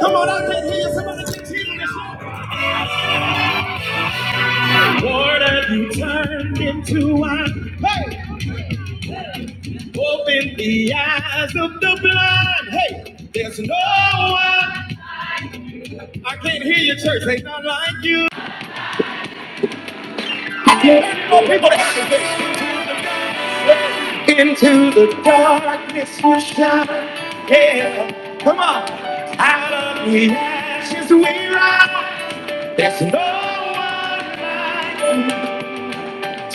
Come on out there, hear somebody say Lord, have you turned into wine? Open the eyes of the blind. Hey, there's no one. I can't hear your church. They not like you. Yeah, no people. that- Into the darkness you shine. Yeah, come on. Out of the ashes we rise. There's no one. like.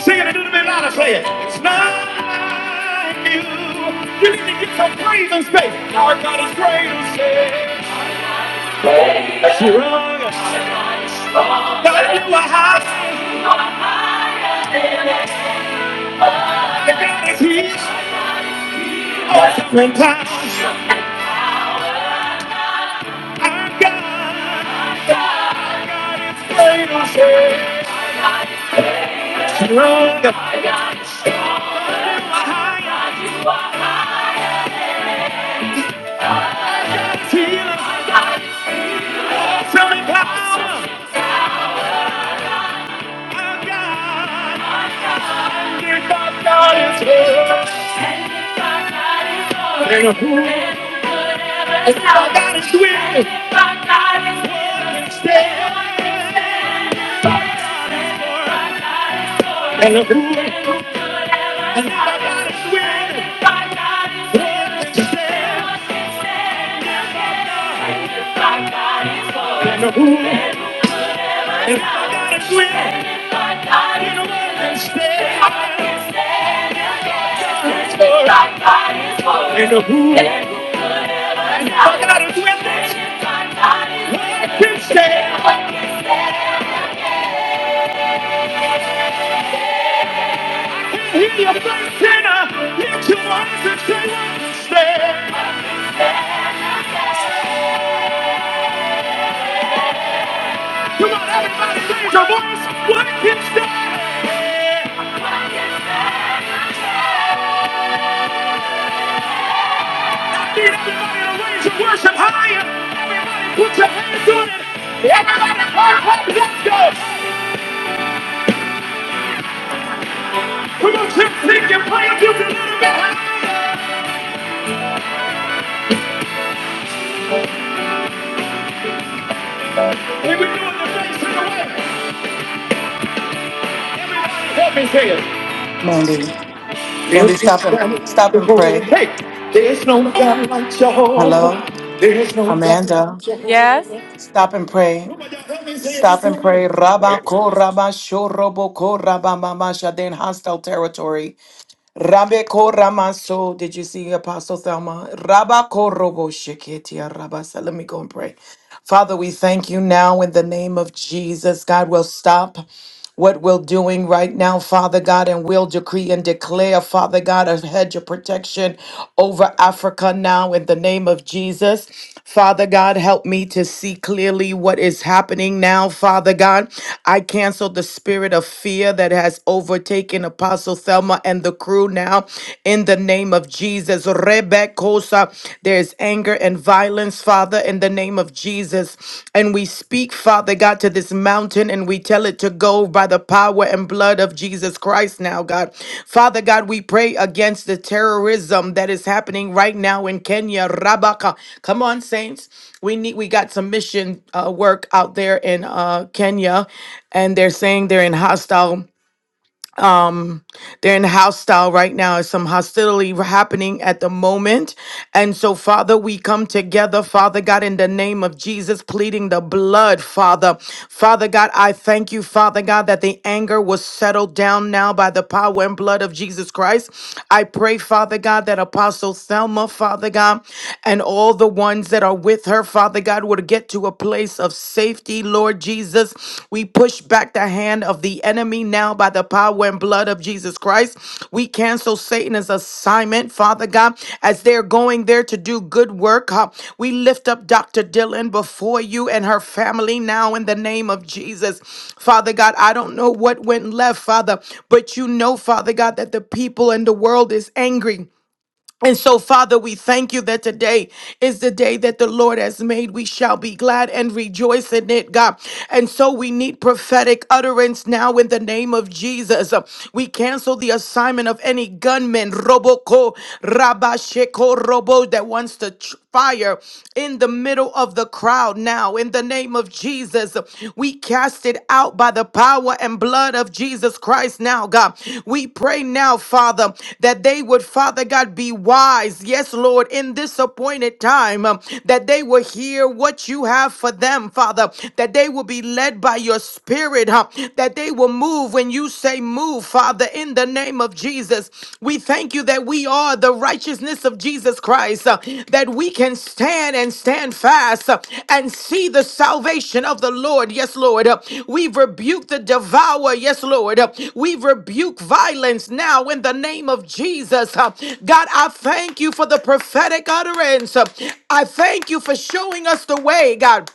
Sing it and do the bit louder, say it. It's not like you. You need to get some praise and space. Our God is great and says, wrong. God, you are high. The God is He's all different times. Our God, God is great and says, Strong. You are high. Healer, selling power. Our God, our God is great. our God is great. If our God is with us, what can stand? And if we- and if our God is with us, what can stand? If our God is real, And the rule, if we- if our God is real, we stand? with us, what can stand? And the rule, if we- if our God is with us, what can stand? Hear your first sinner. Lift your voice and say, "What "What is stand?" Come on, everybody, raise your voice. What What is stand? I need everybody to raise your worship higher. Everybody, put your hands on it. Everybody, clap, clap, let's go. Come on, just sing your praise. You can do it. And we do it the face in the way. Help me say it. Mandy. Mandy, stop and stop and pray. There's no God like Jehovah. Hello, Hey, there's no God like Jehovah. There's no God like Amanda. Jehovah. Stop and pray. Come on, y'all, help me say it Stop this and way. pray. Rabba ko rabba sho robo ko rabba mama shaden hostile territory. Rabbe ko ramaso. Did you see Apostle Thelma? Rabba ko robo sheketia rabba. So let me go and pray. Father, we thank you now in the name of Jesus. God will stop. what we're doing right now, Father God, and we'll decree and declare, Father God, a hedge of protection over Africa now in the name of Jesus. Father God, help me to see clearly what is happening now, Father God. I cancel the spirit of fear that has overtaken Apostle Thelma and the crew now in the name of Jesus. Rebekosa, there's anger and violence, Father, in the name of Jesus. And we speak, Father God, to this mountain and we tell it to go by the power and blood of Jesus Christ now, God. Father God, we pray against the terrorism that is happening right now in Kenya. Rabaka. Come on, saints. We need we got some mission uh, work out there in uh, Kenya, and they're saying they're in hostile they're in hostile right now. There's some hostility happening at the moment. And so, Father, we come together, Father God, in the name of Jesus, pleading the blood, Father. Father God, I thank you, Father God, that the anger was settled down now by the power and blood of Jesus Christ. I pray, Father God, that Apostle Selma, Father God, and all the ones that are with her, Father God, would get to a place of house of safety, Lord Jesus. We push back the hand of the enemy now by the power and blood of Jesus Christ. We cancel Satan's assignment, Father God, as they're going there to do good work. huh? We lift up Dr. Dylan before you and her family now in the name of Jesus. Father God, I don't know what went left, Father, but you know, Father God, that the people in the world is angry. And so, Father, we thank you that today is the day that the Lord has made. We shall be glad and rejoice in it, God. And so, we need prophetic utterance now in the name of Jesus. We cancel the assignment of any gunman, Roboko, Rabasheko, Robo, that wants to fire in the middle of the crowd now. In the name of Jesus, we cast it out by the power and blood of Jesus Christ now, God. We pray now, Father, that they would, Father God, be wise. Yes, Lord, in this appointed time, um, that they will hear what you have for them, Father, that they will be led by your spirit, huh? that they will move when you say move, Father. Father, in the name of Jesus. We thank you that we are the righteousness of Jesus Christ, uh, that we can stand and stand fast uh, and see the salvation of the Lord. Yes, Lord. Uh, we rebuke the devourer. Yes, Lord. Uh, we rebuke violence now in the name of Jesus. Uh, God, I thank you for the prophetic utterance. Uh, I thank you for showing us the way, God.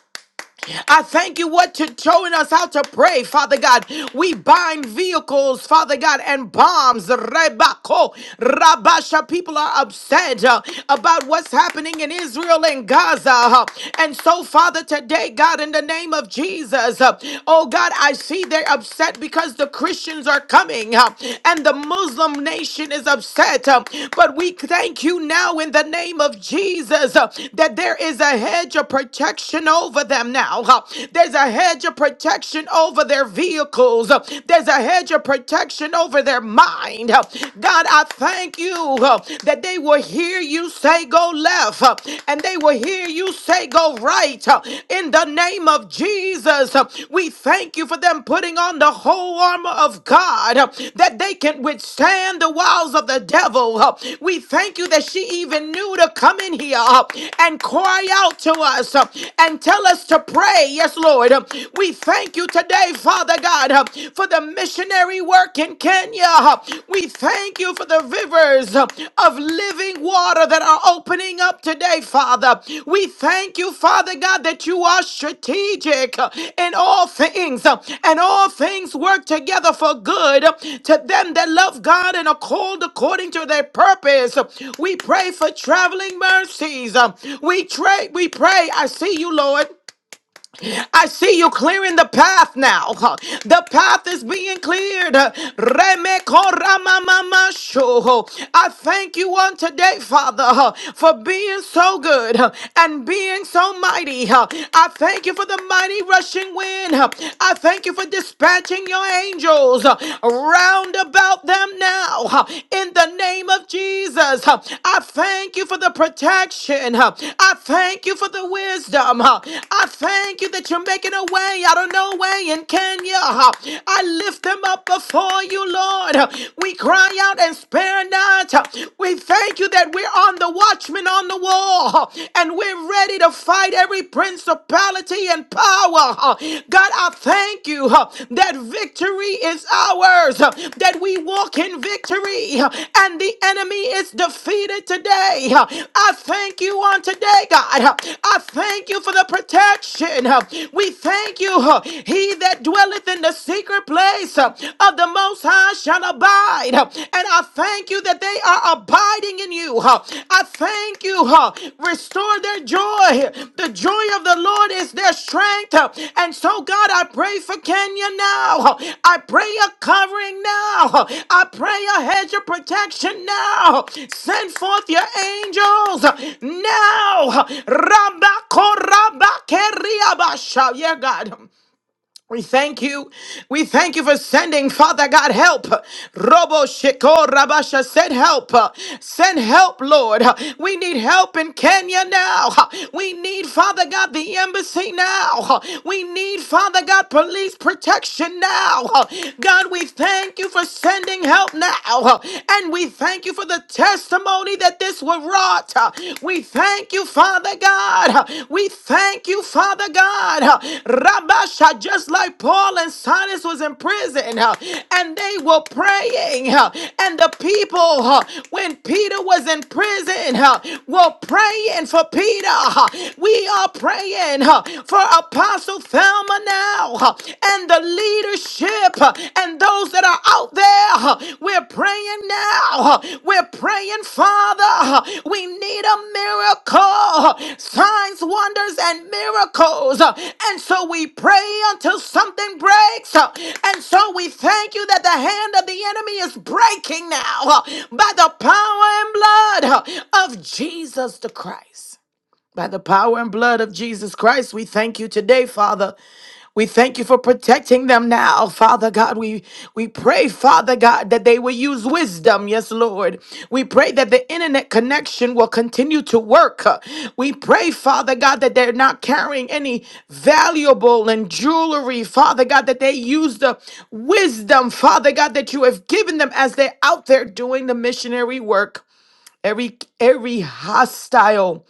I thank you what you're showing us how to pray, Father God. We bind vehicles, Father God, and bombs. Rebako, Rabasha, people are upset uh, about what's happening in Israel and Gaza. uh, And so, Father, today, God, in the name of Jesus, uh, oh God, I see they're upset because the Christians are coming uh, and the Muslim nation is upset. uh, But we thank you now in the name of Jesus uh, that there is a hedge of protection over them now now. Uh, There's a hedge of protection over their vehicles. Uh, There's a hedge of protection over their mind. Uh, God, I thank you uh, that they will hear you say go left uh, and they will hear you say go right. Uh, In the name of Jesus, uh, we thank you for them putting on the whole armor of God uh, that they can withstand the wiles of the devil. Uh, We thank you that she even knew to come in here uh, and cry out to us uh, and tell us to pray. Yes, Lord. We thank you today, Father God, for the missionary work in Kenya. We thank you for the rivers of living water that are opening up today, Father. We thank you, Father God, that you are strategic in all things, and all things work together for good to them that love God and are called according to their purpose. We pray for traveling mercies. We pray, we pray. I see you, Lord. I see you clearing the path now. The path is being cleared. Remekoramamamasho. I thank you on today, Father, for being so good and being so mighty. I thank you for the mighty rushing wind. I thank you for dispatching your angels round about them now. In the name of Jesus. huh, I thank you for the protection. huh, I thank you for the wisdom. huh, I thank you that you're making a way out of no way in Kenya. huh, I lift them up before you, Lord. huh, We cry out and spare not. huh, We thank you that we're on the watchman on the wall huh, and we're ready to fight every principality and power huh? God, I thank you huh, that victory is ours, huh, that we walk in victory, huh, and the enemy is defeated today. huh. I thank you on today, God. huh. I thank you for the protection. huh. We thank you, huh, he that dwelleth in the secret place huh, of the Most High shall abide. huh. And I thank you that they are abiding abiding in you. huh. I thank you. huh. Restore their joy. The joy of the Lord is their strength. huh. And so, God, I pray for Kenya now. huh. I pray a covering now. huh. I pray a hedge of protection now. Send forth your angels huh, now. huh. Rabako, rabake, riabasha. Yeah, God. We thank you. We thank you for sending, Father God, help. Robo Shekor Rabasha, send help. Send help, Lord. We need help in Kenya now. We need, Father God, the embassy now. We need, Father God, police protection now. God, we thank you for sending help now. And we thank you for the testimony that this will rise. God. We thank you, Father God. We thank you, Father God. Rabasha, just like Paul and Silas was in prison, and they were praying, and the people, when Peter was in prison, were praying for Peter. We are praying for Apostle Thelma now, and the leadership and those that are out there. We're praying now. We're praying, Father. We need a miracle, signs, wonders, and miracles. And so we pray until something breaks. And so we thank you that the hand of the enemy is breaking now by the power and blood of Jesus the Christ. By the power and blood of Jesus Christ, we thank you today, Father. We thank you for protecting them now, Father God. We we pray, Father God, that they will use wisdom, yes, Lord. We pray that the internet connection will continue to work. We pray, Father God, that they're not carrying any valuable and jewelry, Father God, that they use the wisdom, Father God, that you have given them as they're out there doing the missionary work. Every every hostile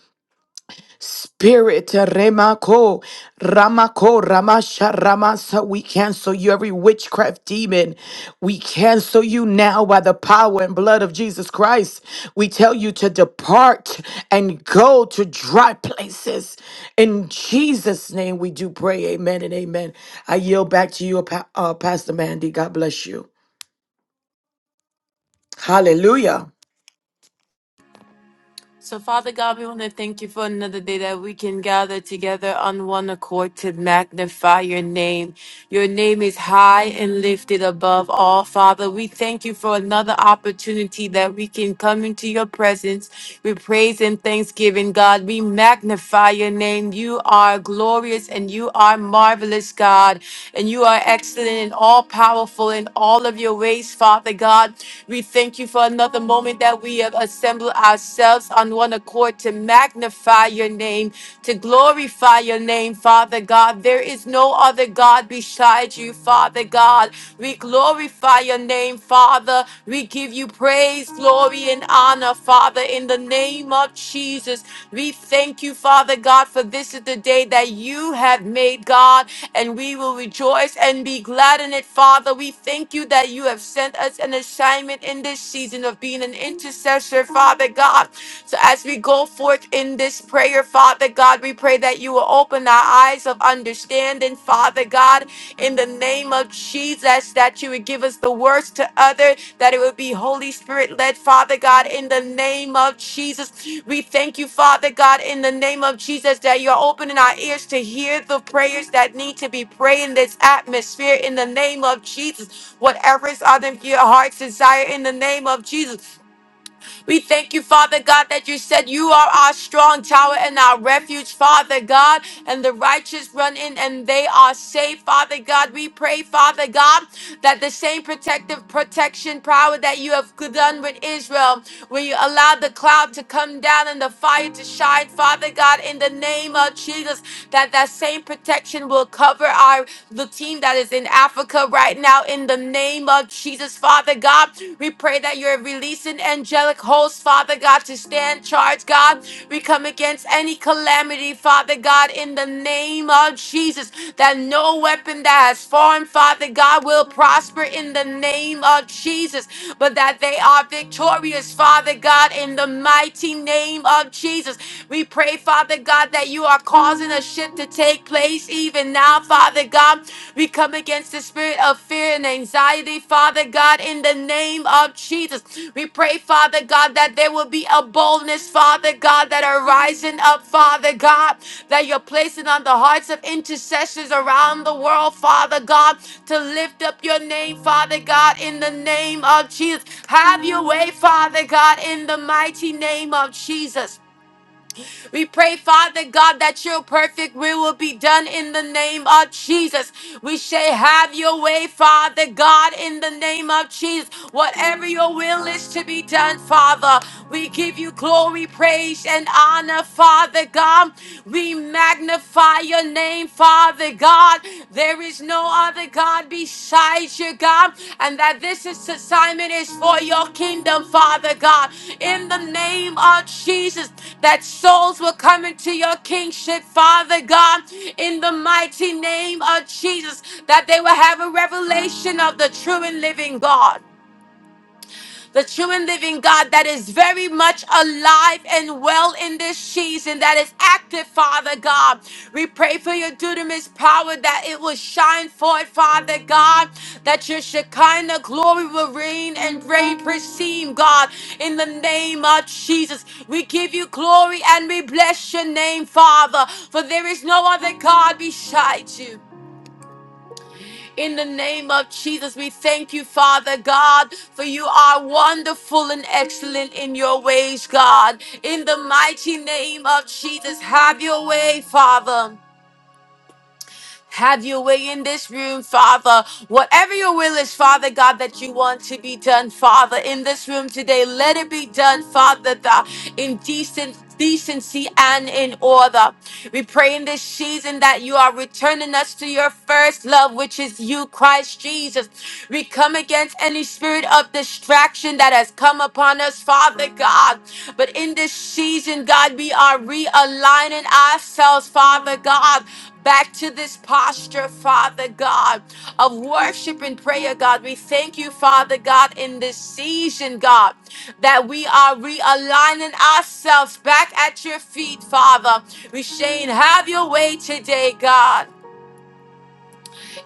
Spirit Remako Ramako Ramasha Ramasa, we cancel you every witchcraft demon. We cancel you now by the power and blood of Jesus Christ. We tell you to depart and go to dry places. In Jesus' name we do pray. Amen and amen. I yield back to you, Pa- uh, Pastor Mandy. God bless you. Hallelujah. So, Father God, we want to thank you for another day that we can gather together on one accord to magnify your name. Your name is high and lifted above all. Father, we thank you for another opportunity that we can come into your presence with praise and thanksgiving. God, we magnify your name. You are glorious and you are marvelous, God, and you are excellent and all powerful in all of your ways, Father God. We thank you for another moment that we have assembled ourselves on one accord to magnify your name, to glorify your name, Father God. There is no other God beside you, Father God. We glorify your name, Father. We give you praise, glory, and honor, Father, in the name of Jesus. We thank you, Father God, for this is the day that you have made, God, and we will rejoice and be glad in it, Father. We thank you that you have sent us an assignment in this season of being an intercessor posture, Father God. So as we go forth in this prayer, Father God, we pray that you will open our eyes of understanding, Father God, in the name of Jesus, that you would give us the words to other, that it would be Holy Spirit led, Father God, in the name of Jesus. We thank you, Father God, in the name of Jesus, that you're opening our ears to hear the prayers that need to be prayed in this atmosphere in the name of Jesus. Whatever is on your heart's desire in the name of Jesus. We thank you, Father God, that you said you are our strong tower and our refuge, Father God, and the righteous run in and they are safe, Father God. We pray, Father God, that the same protective protection power that you have done with Israel, when you allowed the cloud to come down and the fire to shine, Father God, in the name of Jesus, that that same protection will cover our the team that is in Africa right now in the name of Jesus, Father God. We pray that you're releasing angelic hosts, Father God, to stand charge, God. We come against any calamity, Father God, in the name of Jesus, that no weapon that has formed, Father God, will prosper in the name of Jesus, but that they are victorious, Father God, in the mighty name of Jesus. We pray, Father God, that you are causing a shift to take place space even now, Father God. We come against the spirit of fear and anxiety, Father God, in the name of Jesus. We pray, Father God, that there will be a boldness, Father God, that are rising up, Father God, that you're placing on the hearts of intercessors around the world, Father God, to lift up your name, Father God, in the name of Jesus. Have your way, Father God, in the mighty name of Jesus. We pray, Father God, that your perfect will will be done in the name of Jesus. We say, Have your way, Father God, in the name of Jesus. Whatever your will is to be done, Father, we give you glory, praise, and honor, Father God. We magnify your name, Father God. There is no other God besides you, God, and that this is assignment is for your kingdom, Father God. In the name of Jesus, that souls will come into your kingship, Father God. In the mighty name of Jesus, that they will have a revelation of the true and living God the true and living God that is very much alive and well in this season, that is active, Father God. We pray for your dunamis power that it will shine forth, Father God, that your Shekinah glory will reign and reign perceive, God, in the name of Jesus. We give you glory and we bless your name, Father, for there is no other God beside you. In the name of Jesus, we thank you, Father God, for you are wonderful and excellent in your ways, God. In the mighty name of Jesus, have your way, Father. Have your way in this room, Father. Whatever your will is, Father God, that you want to be done, Father, in this room today, let it be done, Father, the, in decent decency and in order. We pray in this season that you are returning us to your first love, which is you, Christ Jesus. We come against any spirit of distraction that has come upon us, Father God. But in this season, God, we are realigning ourselves, Father God back to this posture, Father God, of worship and prayer, God. We thank you, Father God, in this season, God, that we are realigning ourselves back at your feet, Father. We're saying, have your way today, God.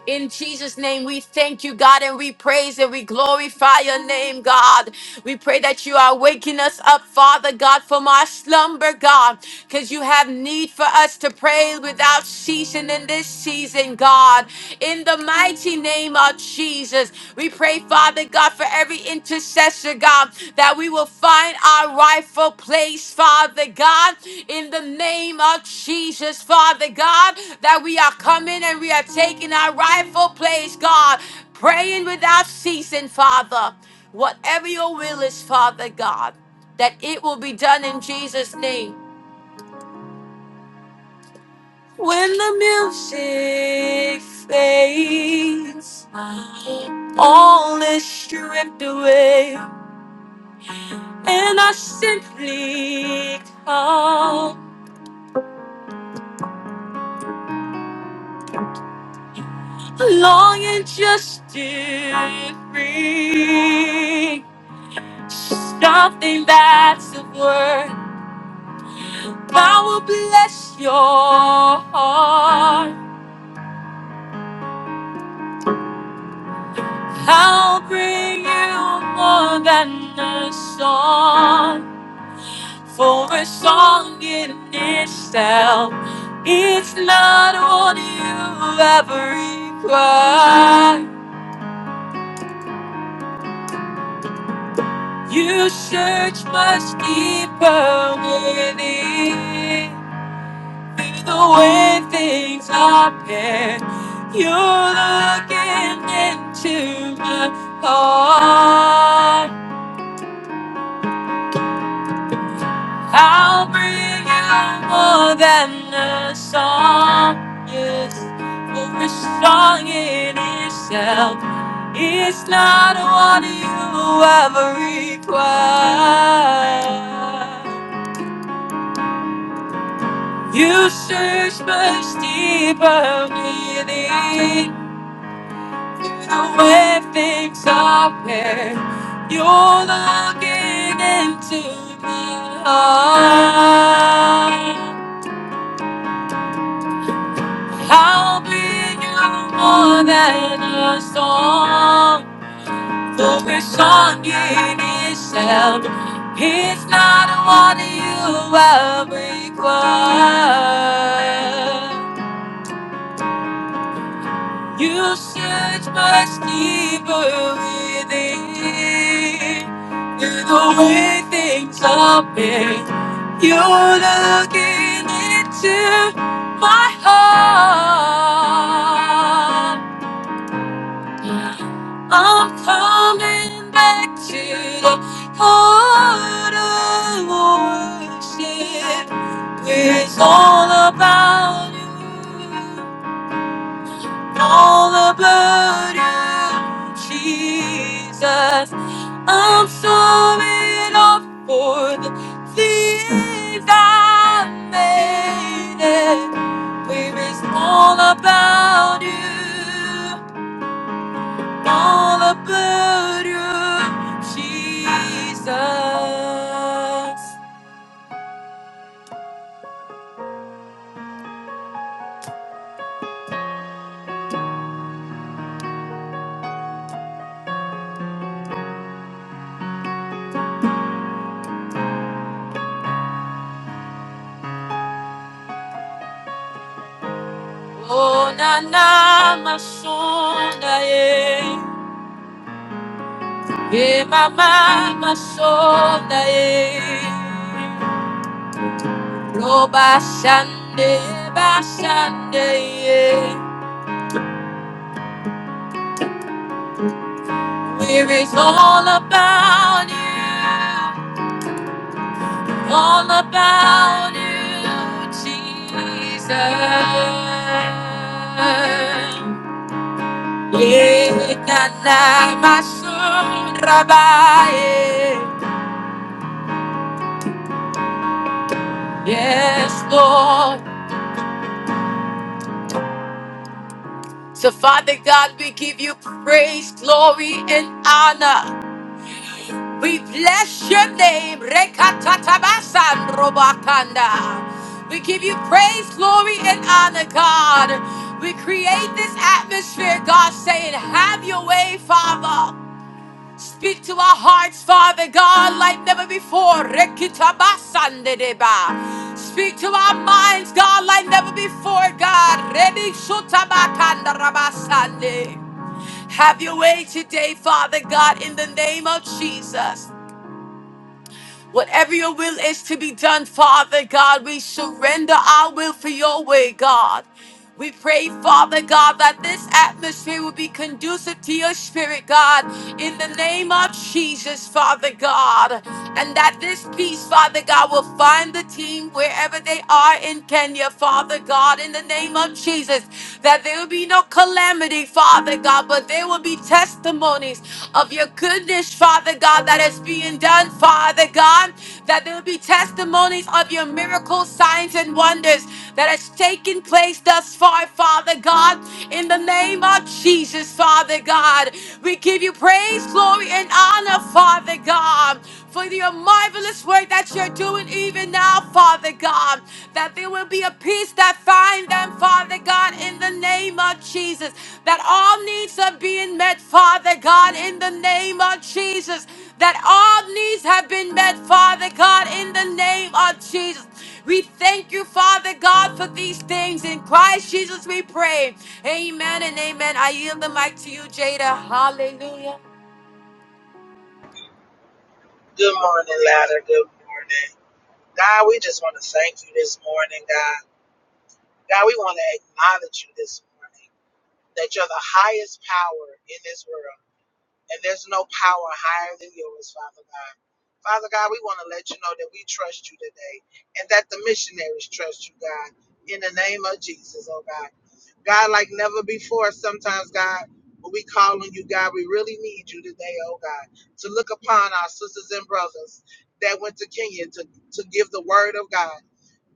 In Jesus' name, we thank you, God, and we praise and we glorify your name, God. We pray that you are waking us up, Father God, from our slumber, God, because you have need for us to pray without ceasing in this season, God. In the mighty name of Jesus, we pray, Father God, for every intercessor intercessor, God, that we will find our rightful place, Father God, in the name of Jesus, Father God, that we are coming and we are taking our rightful place, God, praying without ceasing, Father. Whatever your will is, Father God, that it will be done in Jesus' name. When the music fades, all is stripped away. And I simply come longing just to free something that's of worth. I will bless your heart. I'll bring you more than a song. For a song in itself, it's not what you ever require. You search much deeper within. Through the way things are paired, you're looking into my heart. I'll bring you more than a song, yes, for a song in itself. It's not what you ever require. You search much deeper within the way things are where you're looking into my heart. I'll be you more than a song, for a song in itself. It's not what you are required. You search much deeper within than the way things are made. You're looking into my heart. I'm coming back to the heart of worship. It's all about you all the burden, Jesus. I'm sorry, Lord, for the things I made it. Where it's all about you, all about you, Jesus. Oh, na na, my son, I am. Emama masonda ye, roba shande bashande ye. Where is all about you, all about you, Jesus. Ye kana masonda ba ye. Yes, Lord. So, Father God, we give you praise, glory, and honor. We bless your name. Rekatatabasan robakanda. We give you praise, glory, and honor, God. We create this atmosphere, God, saying, Have your way, Father. Speak to our hearts, Father God, like never before. Rekitabasandedeba. Speak to our minds, God, like never before, God. Rebishotabakandarabasande. Have your way today, Father God, in the name of Jesus. Whatever your will is to be done, Father God, we surrender our will for your way, God. We pray, Father God, that this atmosphere will be conducive to your spirit, God, in the name of Jesus, Father God. And that this peace, Father God, will find the team wherever they are in Kenya, Father God, in the name of Jesus. That there will be no calamity, Father. Father God, but there will be testimonies of your goodness, Father God, that is being done, Father God, that there will be testimonies of your miracles, signs, and wonders that has taken place thus far, Father God, in the name of Jesus, Father God. We give you praise, glory, and honor, Father God for your marvelous work that you're doing even now, Father God. That there will be a peace that find them, Father God, in the name of Jesus. That all needs are being met, Father God, in the name of Jesus. That all needs have been met, Father God, in the name of Jesus. We thank you, Father God, for these things. In Christ Jesus, we pray. Amen and amen. I yield the mic to you, Jada. Hallelujah. Good morning, ladder. Good morning. God, we just want to thank you this morning, God. God, we want to acknowledge you this morning that you're the highest power in this world, and there's no power higher than yours, Father God. Father God, we want to let you know that we trust you today and that the missionaries trust you, God, in the name of Jesus, oh God. God, like never before, sometimes, God, when we call on you, God, we really need you today, oh God, to look upon our sisters and brothers that went to Kenya to, to give the word of God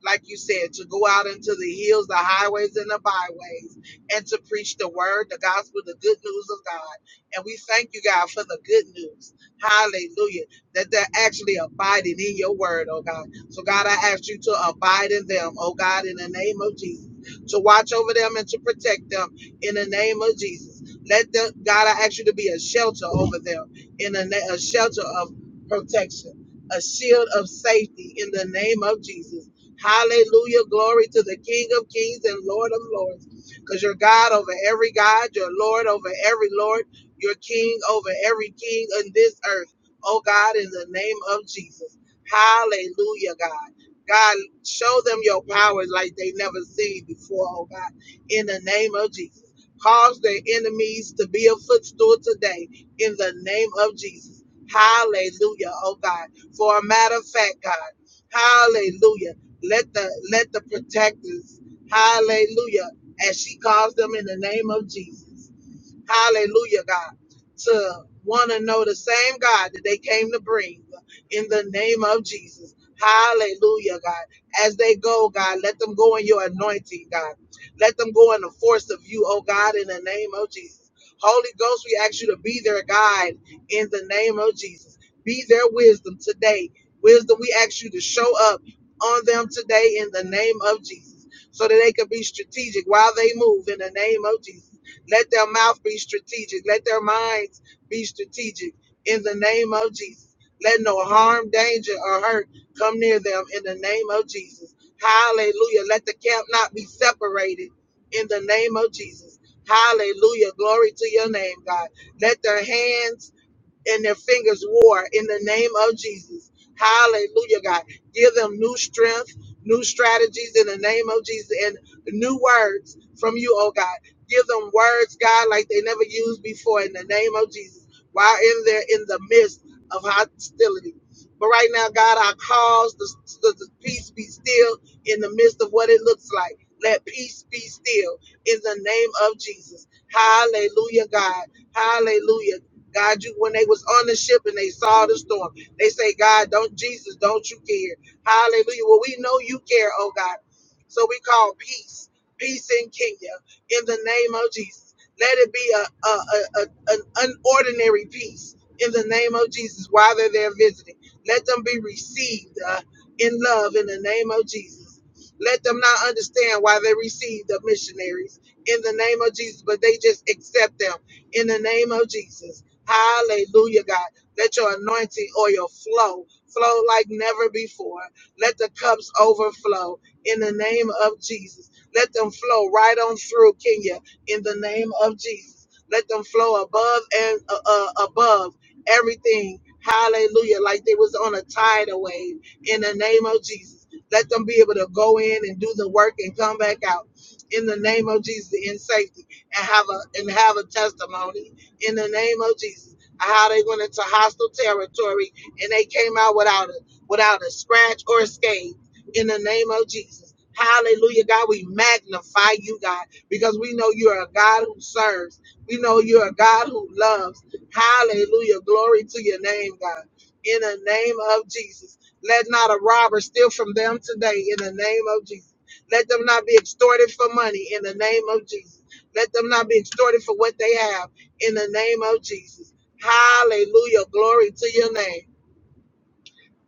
like you said, to go out into the hills, the highways, and the byways, and to preach the word, the gospel, the good news of God. And we thank you, God, for the good news. Hallelujah. That they're actually abiding in your word, oh God. So, God, I ask you to abide in them, oh God, in the name of Jesus, to watch over them and to protect them in the name of Jesus. Let them, God, I ask you to be a shelter over them, in a, na- a shelter of protection, a shield of safety in the name of Jesus Hallelujah. Glory to the King of Kings and Lord of Lords. Because you're God over every God, you're Lord over every Lord, you're King over every King on this earth. Oh God, in the name of Jesus. Hallelujah, God. God, show them your powers like they never seen before, oh God, in the name of Jesus. Cause their enemies to be a footstool today in the name of Jesus. Hallelujah, oh God. For a matter of fact, God, hallelujah. Let the let the protectors, hallelujah, as she calls them in the name of Jesus. Hallelujah, God. To want to know the same God that they came to bring in the name of Jesus. Hallelujah, God. As they go, God, let them go in your anointing, God. Let them go in the force of you, oh God, in the name of Jesus. Holy Ghost, we ask you to be their guide in the name of Jesus. Be their wisdom today. Wisdom, we ask you to show up on them today in the name of Jesus so that they can be strategic while they move in the name of Jesus let their mouth be strategic. Let their minds be strategic in the name of Jesus. Let no harm, danger, or hurt come near them in the name of Jesus. Hallelujah. Let the camp not be separated in the name of Jesus. Hallelujah. Glory to your name, God. Let their hands and their fingers war in the name of Jesus. Hallelujah, God. Give them new strength, new strategies in the name of Jesus, and new words from you, oh God. Give them words, God, like they never used before in the name of Jesus. While in there in the midst of hostility. But right now, God, I cause the, the, the peace be still in the midst of what it looks like. Let peace be still in the name of Jesus. Hallelujah, God. Hallelujah. God, you when they was on the ship and they saw the storm, they say, God, don't Jesus, don't you care? Hallelujah. Well, we know you care, oh God. So we call peace, peace in Kenya, in the name of Jesus. Let it be a, a, a, a an unordinary peace in the name of Jesus while they're there visiting. Let them be received uh, in love in the name of Jesus. Let them not understand why they received the missionaries in the name of Jesus, but they just accept them in the name of Jesus. Hallelujah, God. Let your anointing oil flow, flow like never before. Let the cups overflow in the name of Jesus. Let them flow right on through Kenya in the name of Jesus. Let them flow above and uh, uh, above everything. Hallelujah. Like they was on a tidal wave in the name of Jesus. Let them be able to go in and do the work and come back out in the name of Jesus in safety and have a and have a testimony in the name of Jesus. How they went into hostile territory and they came out without a without a scratch or a scathe in the name of Jesus. Hallelujah, God. We magnify you, God, because we know you're a God who serves. We know you're a God who loves. Hallelujah. Glory to your name, God. In the name of Jesus. Let not a robber steal from them today in the name of Jesus. Let them not be extorted for money in the name of Jesus. Let them not be extorted for what they have in the name of Jesus. Hallelujah. Glory to your name.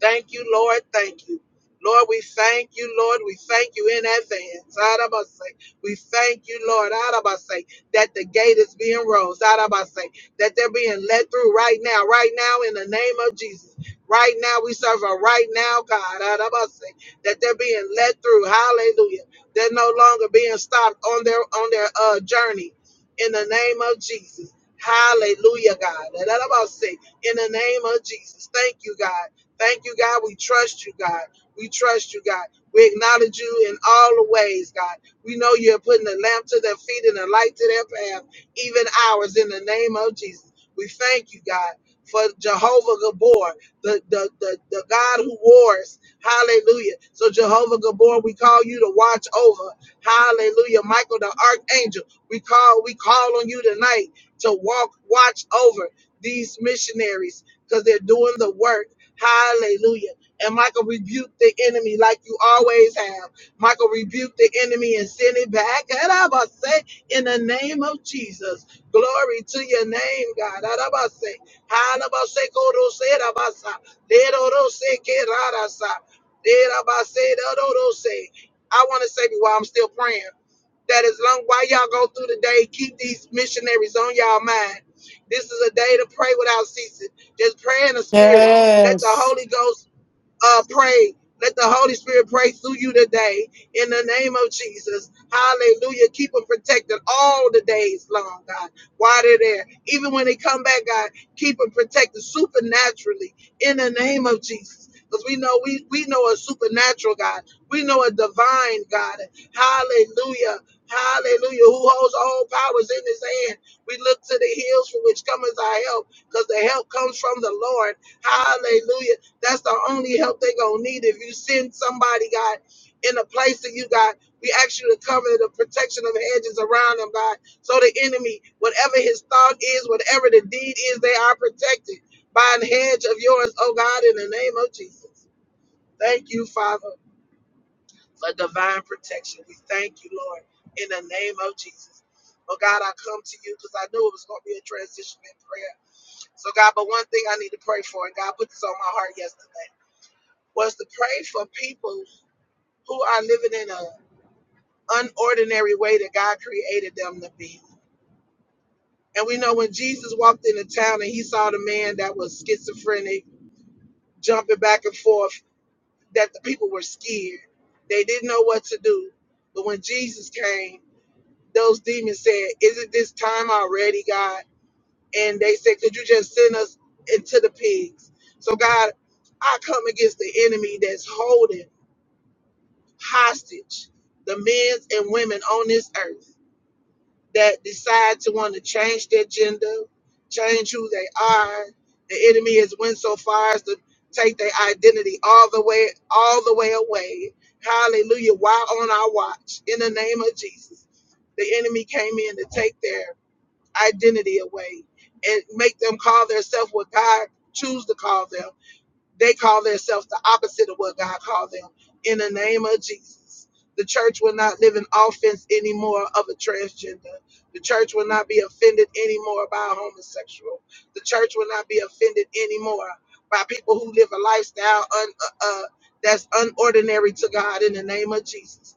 Thank you, Lord. Thank you. Lord, we thank you, Lord. We thank you in advance. Arabase. We thank you, Lord, Arabase, that the gate is being rose. Arabase, that they're being let through right now, right now in the name of Jesus. Right now, we serve a right now God. Arabase, that they're being let through. Hallelujah. They're no longer being stopped on their on their uh, journey in the name of Jesus. Hallelujah, God. Arabase, In the name of Jesus. Thank you, God. Thank you, God. We trust you, God. We trust you, God. We acknowledge you in all the ways, God. We know you're putting a lamp to their feet and a light to their path, even ours, in the name of Jesus. We thank you, God, for Jehovah Gabor, the, the, the, the God who wars. Hallelujah. So, Jehovah Gabor, we call you to watch over. Hallelujah. Michael, the archangel, we call, we call on you tonight to walk, watch over these missionaries because they're doing the work Hallelujah. And Michael rebuked the enemy like you always have. Michael rebuked the enemy and sent it back. And I must say, in the name of Jesus, glory to your name, God. And I must say, Halabase korose rabasa, lerorose kerarasa, lerabase dororose. I want to say while I'm still praying that as long while y'all go through the day, keep these missionaries on y'all mind. This is a day to pray without ceasing. Just pray in the spirit. Let the Yes. Holy Ghost uh, pray. Let the Holy Spirit pray through you today in the name of Jesus. Hallelujah. Keep them protected all the days long, God, while they're there. Even when they come back, God, keep them protected supernaturally in the name of Jesus. Because we know we, we know a supernatural God. We know a divine God. Hallelujah. Hallelujah. Who holds all powers in his hand. We look to the hills from which cometh our help, because the help comes from the Lord. Hallelujah. That's the only help they gonna need. If you send somebody, God, in a place that you got, we ask you to cover the protection of hedges around them, God. So the enemy, whatever his thought is, whatever the deed is, they are protected by an hedge of yours, oh God, in the name of Jesus. Thank you, Father, for divine protection. We thank you, Lord, in the name of Jesus. Oh God, I come to you because I knew it was going to be a transition in prayer. So God, but one thing I need to pray for, and God put this on my heart yesterday was to pray for people who are living in an unordinary way that God created them to be. And we know when Jesus walked into town and he saw the man that was schizophrenic jumping back and forth, that the people were scared. They didn't know what to do. But when Jesus came, those demons said, Is not this time already, God? And they said, Could you just send us into the pigs? So, God, I come against the enemy that's holding. hostage the men and women on this earth that decide to want to change their gender, change who they are. The enemy has went so far as to take their identity all the way, all the way away. Hallelujah. While on our watch, in the name of Jesus, the enemy came in to take their identity away and make them call themselves what God choose to call them. They call themselves the opposite of what God called them. In the name of Jesus, the church will not live in offense anymore of a transgender. The church will not be offended anymore by a homosexual. The church will not be offended anymore by people who live a lifestyle un, uh, uh, that's unordinary to God in the name of Jesus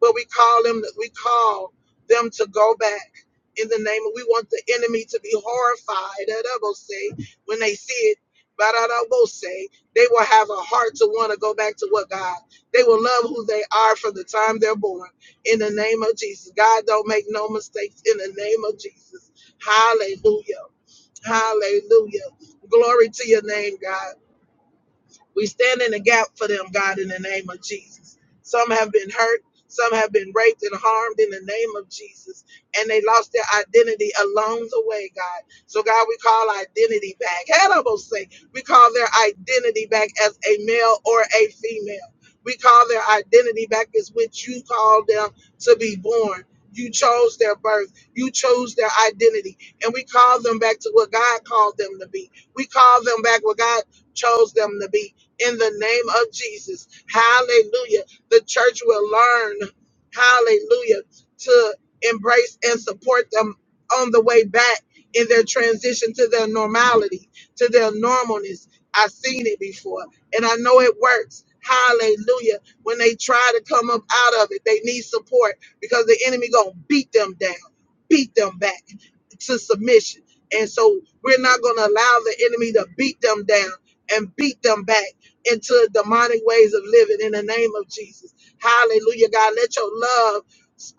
but we call them we call them to go back in the name of we want the enemy to be horrified at say when they see it but I will say they will have a heart to want to go back to what God. They will love who they are from the time they're born. In the name of Jesus, God don't make no mistakes. In the name of Jesus, Hallelujah, Hallelujah. Glory to your name, God. We stand in the gap for them, God, in the name of Jesus. Some have been hurt, some have been raped and harmed in the name of Jesus, and they lost their identity along the way, God. So, God, we call identity back. Hannibal say we call their identity back as a male or a female. We call their identity back as which you called them to be born. You chose their birth. You chose their identity. And we call them back to what God called them to be. We call them back what God chose them to be in the name of Jesus. Hallelujah. The church will learn, hallelujah, to embrace and support them on the way back in their transition to their normality, to their normalness. I've seen it before and I know it works. Hallelujah. When they try to come up out of it, they need support because the enemy going to beat them down, beat them back to submission. And so we're not going to allow the enemy to beat them down and beat them back into demonic ways of living in the name of Jesus. Hallelujah, God. Let your love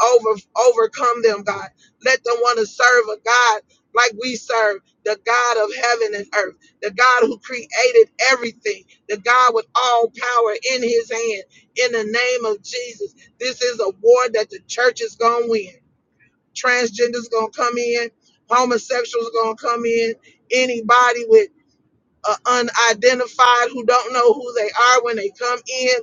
over overcome them, God. Let them want to serve a God like we serve, the God of heaven and earth, the God who created everything, the God with all power in his hand. In the name of Jesus, this is a war that the church is going to win. Transgender's going to come in, homosexuals going to come in, anybody with uh, unidentified who don't know who they are when they come in.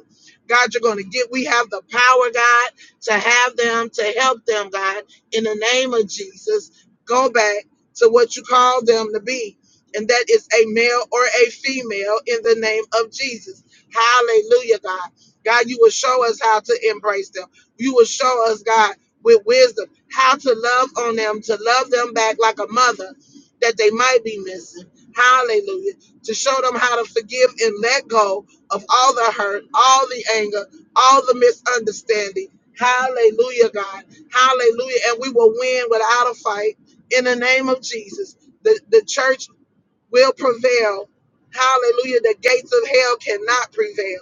God, you're going to get, we have the power, God, to have them, to help them, God, in the name of Jesus. Go back to what you called them to be. And that is a male or a female in the name of Jesus. Hallelujah, God. God, you will show us how to embrace them. You will show us, God, with wisdom, how to love on them, to love them back like a mother that they might be missing. Hallelujah to show them how to forgive and let go of all the hurt, all the anger, all the misunderstanding. Hallelujah, God. Hallelujah. And we will win without a fight in the name of Jesus. The, the church will prevail. Hallelujah. The gates of hell cannot prevail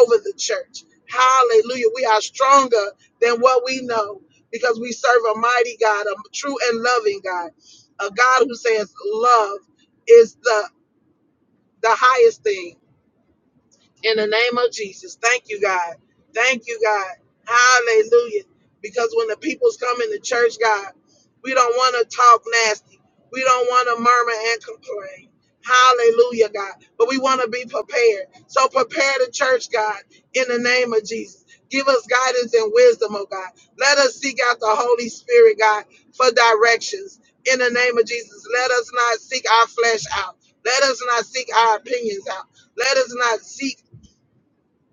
over the church. Hallelujah. We are stronger than what we know because we serve a mighty God, a true and loving God, a God who says love is the the highest thing in the name of Jesus. Thank you, God. Thank you, God. Hallelujah. Because when the people's come in the church, God, we don't want to talk nasty. We don't want to murmur and complain. Hallelujah, God. But we want to be prepared. So prepare the church, God, in the name of Jesus. Give us guidance and wisdom, oh God. Let us seek out the Holy Spirit, God, for directions. In the name of Jesus, let us not seek our flesh out. Let us not seek our opinions out. Let us not seek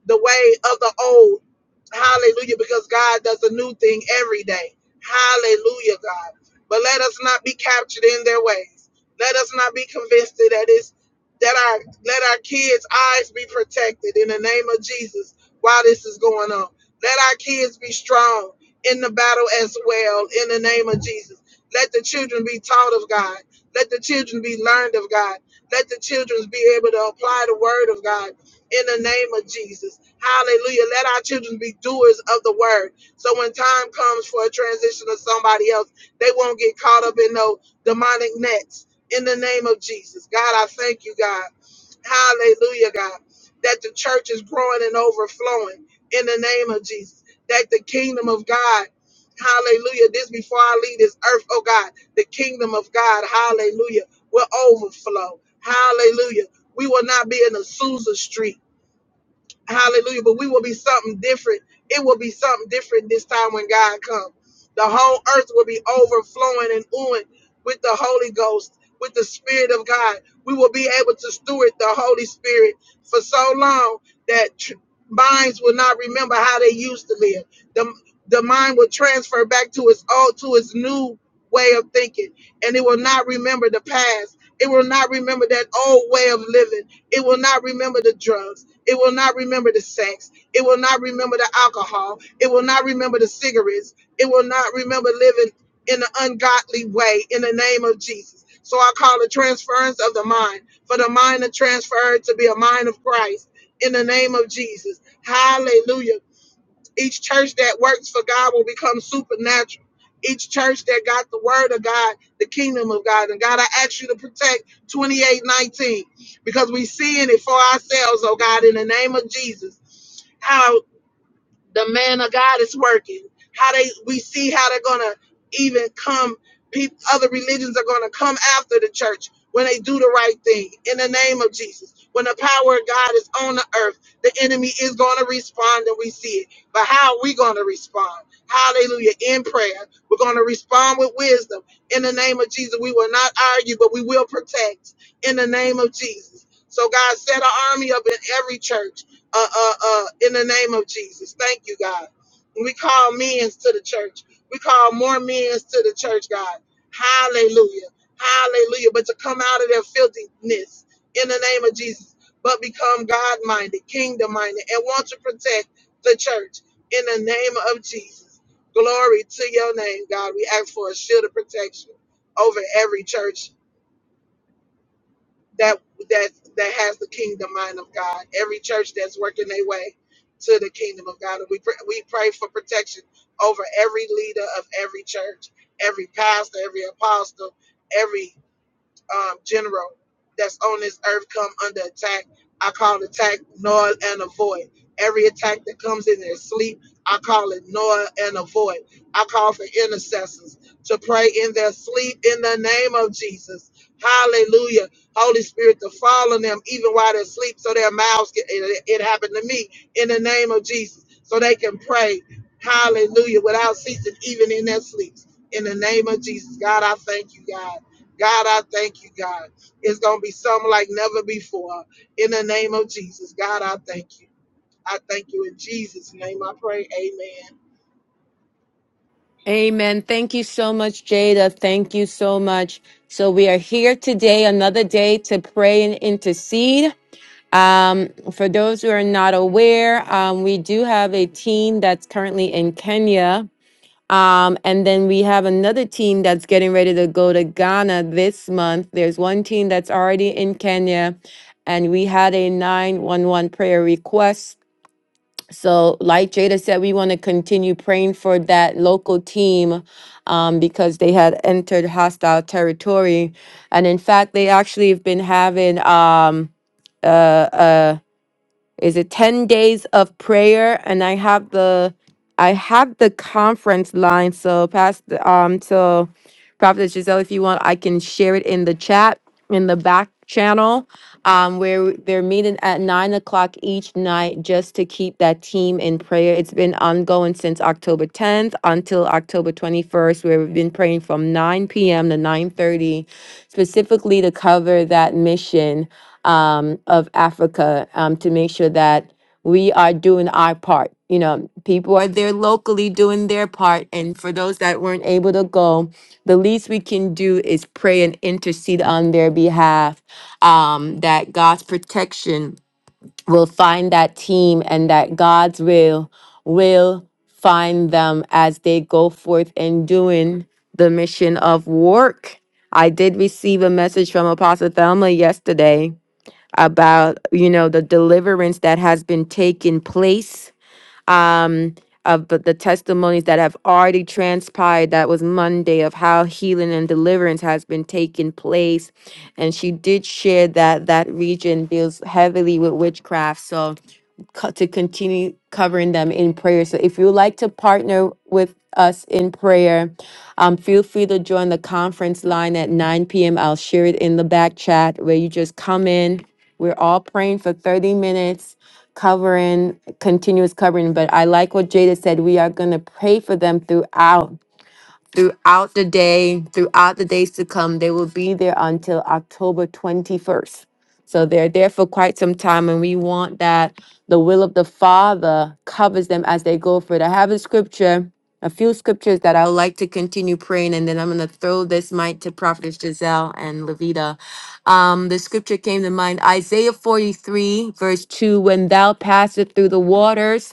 the way of the old. Hallelujah, because God does a new thing every day. Hallelujah, God. But let us not be captured in their ways. Let us not be convinced that it's that our let our kids' eyes be protected in the name of Jesus while this is going on. Let our kids be strong in the battle as well in the name of Jesus. Let the children be taught of God. Let the children be learned of God. Let the children be able to apply the word of God in the name of Jesus. Hallelujah. Let our children be doers of the word. So when time comes for a transition to somebody else, they won't get caught up in no demonic nets in the name of Jesus. God, I thank you, God. Hallelujah, God. That the church is growing and overflowing in the name of Jesus. That the kingdom of God, hallelujah, this before I leave this earth, oh God, the kingdom of God, hallelujah, will overflow. Hallelujah. We will not be in Azusa Street. Hallelujah. But we will be something different. It will be something different this time when God comes. The whole earth will be overflowing and oohing with the Holy Ghost, with the Spirit of God. We will be able to steward the Holy Spirit for so long that tr- minds will not remember how they used to live. The, the mind will transfer back to its old, to its new way of thinking, and it will not remember the past. It will not remember that old way of living. It will not remember the drugs. It will not remember the sex. It will not remember the alcohol. It will not remember the cigarettes. It will not remember living in an ungodly way in the name of Jesus. So I call it transference of the mind, for the mind to transfer to be a mind of Christ in the name of Jesus. Hallelujah. Each church that works for God will become supernatural. Each church that got the word of God, the kingdom of God. And God, I ask you to protect 2819 because we seeing it for ourselves, oh God, in the name of Jesus. how the man of God is working. How they we see how they're gonna even come. People, other religions are gonna come after the church when they do the right thing in the name of Jesus. When the power of God is on the earth, the enemy is gonna respond, and we see it. But how are we gonna respond? Hallelujah! In prayer, we're gonna respond with wisdom in the name of Jesus. We will not argue, but we will protect in the name of Jesus. So God set an army up in every church uh, uh, uh, in the name of Jesus. Thank you, God. And we call men to the church. We call more men to the church, God. Hallelujah. Hallelujah. But to come out of their filthiness in the name of Jesus, but become God minded, kingdom minded, and want to protect the church in the name of Jesus. Glory to your name, God. We ask for a shield of protection over every church that that that has the kingdom mind of God. Every church that's working their way to the kingdom of God, and we pray, we pray for protection over every leader of every church, every pastor, every apostle, every um, general that's on this earth come under attack. I call attack null and a void. Every attack that comes in their sleep, I call it null and a void. I call for intercessors to pray in their sleep in the name of Jesus. Hallelujah. Holy Spirit to fall on them even while they're asleep so their mouths get it, it happened to me in the name of Jesus. So they can pray. Hallelujah. Without ceasing, even in their sleeps. In the name of Jesus. God, I thank you, God. God, I thank you, God. It's going to be something like never before. In the name of Jesus, God, I thank you. I thank you in Jesus' name. I pray. Amen. Amen. Thank you so much, Jada. Thank you so much. So we are here today, another day to pray and intercede. Um, for those who are not aware, um, we do have a team that's currently in Kenya. Um, and then we have another team that's getting ready to go to Ghana this month. There's one team that's already in Kenya, and we had a 911 prayer request so, like Jada said, we want to continue praying for that local team um, because they had entered hostile territory. And in fact, they actually have been having, um, is it 10 days of prayer? And I have the. I have the conference line, so past um, so Prophetess Giselle, if you want, I can share it in the chat in the back channel um, where they're meeting at nine o'clock each night just to keep that team in prayer. It's been ongoing since October 10th until October 21st, where we've been praying from 9 p.m. to 9:30, specifically to cover that mission um, of Africa um, to make sure that we are doing our part. You know, people are there locally doing their part. And for those that weren't able to go, the least we can do is pray and intercede on their behalf um, that God's protection will find that team and that God's will will find them as they go forth in doing the mission of work. I did receive a message from Apostle Thelma yesterday about, you know, the deliverance that has been taking place um, of but the testimonies that have already transpired. That was Monday of how healing and deliverance has been taking place, and she did share that that region deals heavily with witchcraft. So co- to continue covering them in prayer. So if you would like to partner with us in prayer, um, feel free to join the conference line at 9 p.m. I'll share it in the back chat where you just come in. We're all praying for 30 minutes covering, continuous covering. But I like what Jada said. We are going to pray for them throughout throughout the day, throughout the days to come. They will be there until October 21st. So they're there for quite some time, and we want that the will of the Father covers them as they go for it. I have a scripture, a few scriptures that I would like to continue praying, and then I'm going to throw this mic to Prophetess Giselle and Levita. Um, the scripture came to mind Isaiah 43, verse 2 When thou passest through the waters,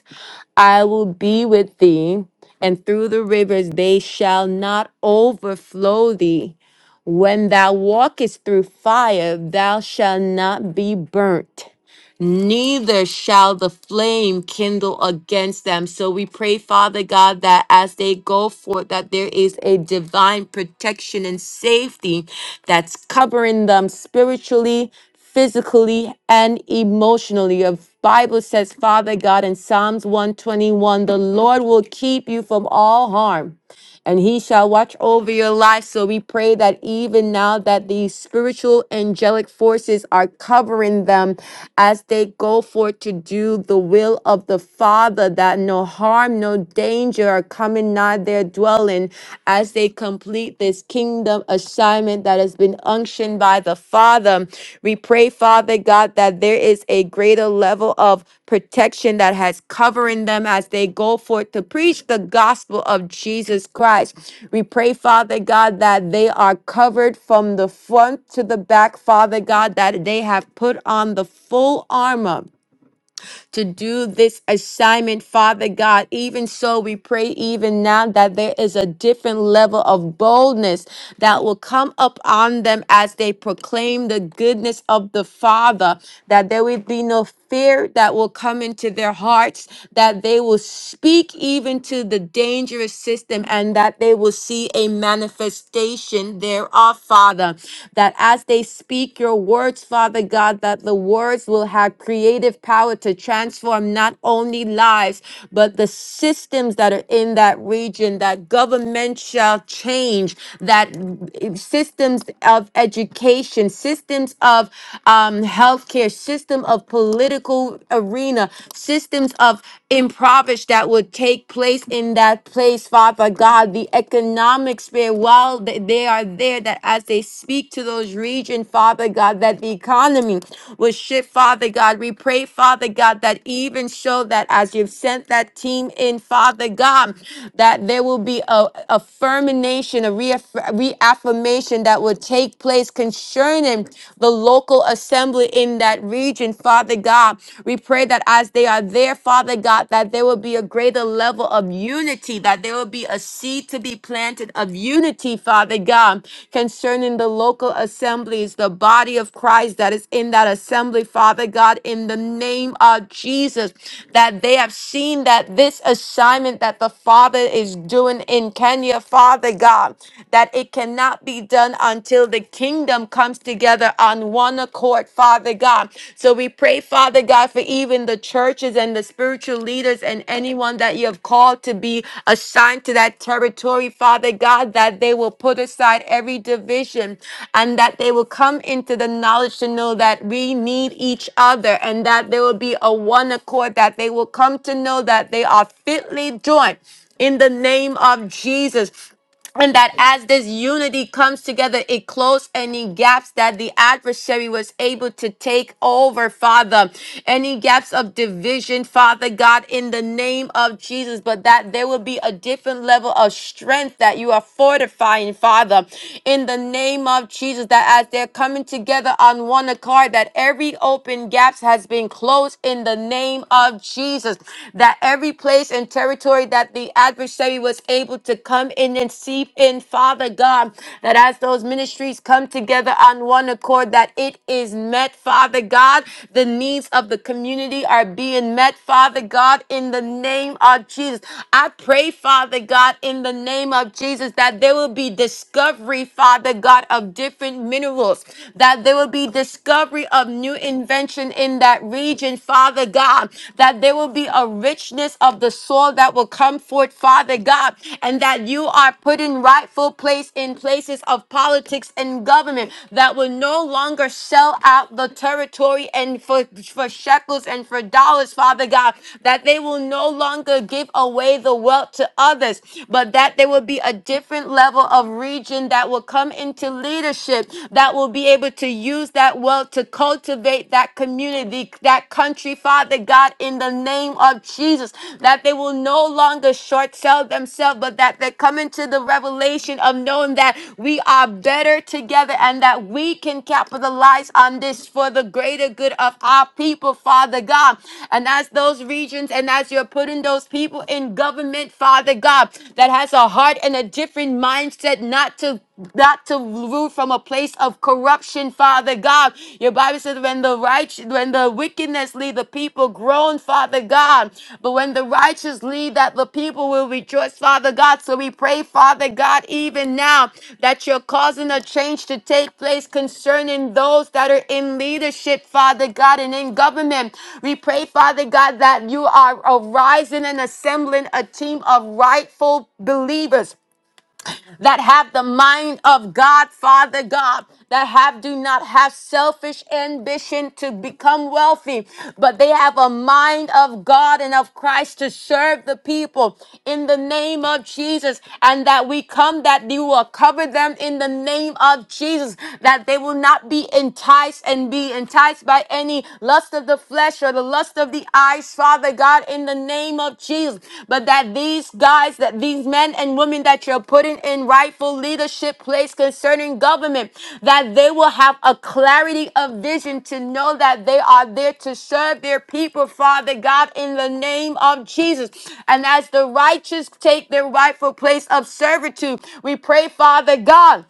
I will be with thee, and through the rivers they shall not overflow thee. When thou walkest through fire, thou shalt not be burnt neither shall the flame kindle against them. So we pray, Father God, that as they go forth, that there is a divine protection and safety that's covering them spiritually, physically, and emotionally. Your Bible says, Father God, in Psalms 121, the Lord will keep you from all harm and he shall watch over your life. So we pray that even now that these spiritual angelic forces are covering them as they go forth to do the will of the Father, that no harm, no danger are coming nigh their dwelling as they complete this kingdom assignment that has been unctioned given by the Father. We pray, Father God, that there is a greater level of protection that has covering them as they go forth to preach the gospel of Jesus Christ. We pray, Father God, that they are covered from the front to the back, Father God, that they have put on the full armor to do this assignment, Father God. Even so, we pray even now that there is a different level of boldness that will come up on them as they proclaim the goodness of the Father, that there will be no fear that will come into their hearts, that they will speak even to the dangerous system, and that they will see a manifestation thereof, Father. That as they speak your words, Father God, that the words will have creative creative power to transform not only lives, but the systems that are in that region. That government shall change, that systems of education, systems of um, healthcare, system of political arena, systems of impoverished that would take place in that place, Father God, the economic sphere, while th- they are there, that as they speak to those regions, Father God, that the economy will shift Father God. We pray, Father God, that even show that as you've sent that team in, Father God, that there will be a affirmation, a reaff- reaffirmation that will take place concerning the local assembly in that region, Father God. We pray that as they are there, Father God, that there will be a greater level of unity, that there will be a seed to be planted of unity, Father God, concerning the local assemblies, the body of Christ that is in that assembly, Father God, in the name of Jesus, that they have seen that this assignment that the Father is doing in Kenya, Father God, that it cannot be done until the kingdom comes together on one accord, Father God. So we pray, Father God, for even the churches and the spiritual leaders and anyone that you have called to be assigned to that territory, Father God, that they will put aside every division and that they will come into the the knowledge to know that we need each other and that there will be a one accord, that they will come to know that they are fitly joined in the name of Jesus. And that as this unity comes together, it closes any gaps that the adversary was able to take over, Father. Any gaps of division, Father God, in the name of Jesus. But that there will be a different level of strength that you are fortifying, Father, in the name of Jesus. That as they're coming together on one accord, that every open gaps has been closed in the name of Jesus. That every place and territory that the adversary was able to come in and seep in, Father God, that as those ministries come together on one accord, that it is met, Father God. The needs of the community are being met, Father God, in the name of Jesus. I pray, Father God, in the name of Jesus, that there will be discovery, Father God, of different minerals, that there will be discovery of new invention in that region, Father God, that there will be a richness of the soil that will come forth, Father God, and that you are put in rightful place in places of politics and government that will no longer sell out the territory and for, for shekels and for dollars, Father God, that they will no longer give away the wealth to others, but that there will be a different level of region that that will come into leadership that will be able to use that wealth to cultivate that community, that country, Father God, in the name of Jesus, that they will no longer short sell themselves, but that they come into the revelation of knowing that we are better together and that we can capitalize on this for the greater good of our people, Father God. And as those regions and as you're putting those people in government, Father God, that has a heart and a different mindset, not to not to root from a place of corruption, Father God. Your Bible says when the righteous, when the wickedness lead the people groan, Father God. But when the righteous lead that the people will rejoice, Father God. So we pray, Father God, even now that you're causing a change to take place concerning those that are in leadership, Father God, and in government. We pray, Father God, that you are arising and assembling a team of rightful believers that have the mind of God, Father God, that have do not have selfish ambition to become wealthy, but they have a mind of God and of Christ to serve the people in the name of Jesus, and that we come that you will cover them in the name of Jesus, that they will not be enticed and be enticed by any lust of the flesh or the lust lust of the eyes, Father God, in the name of Jesus. But that these guys, that these men and women that you're putting in rightful leadership place concerning government, that they will have a clarity of vision to know that they are there to serve their people, Father God, in the name of Jesus. And as the righteous take their rightful place of servitude, we pray, Father God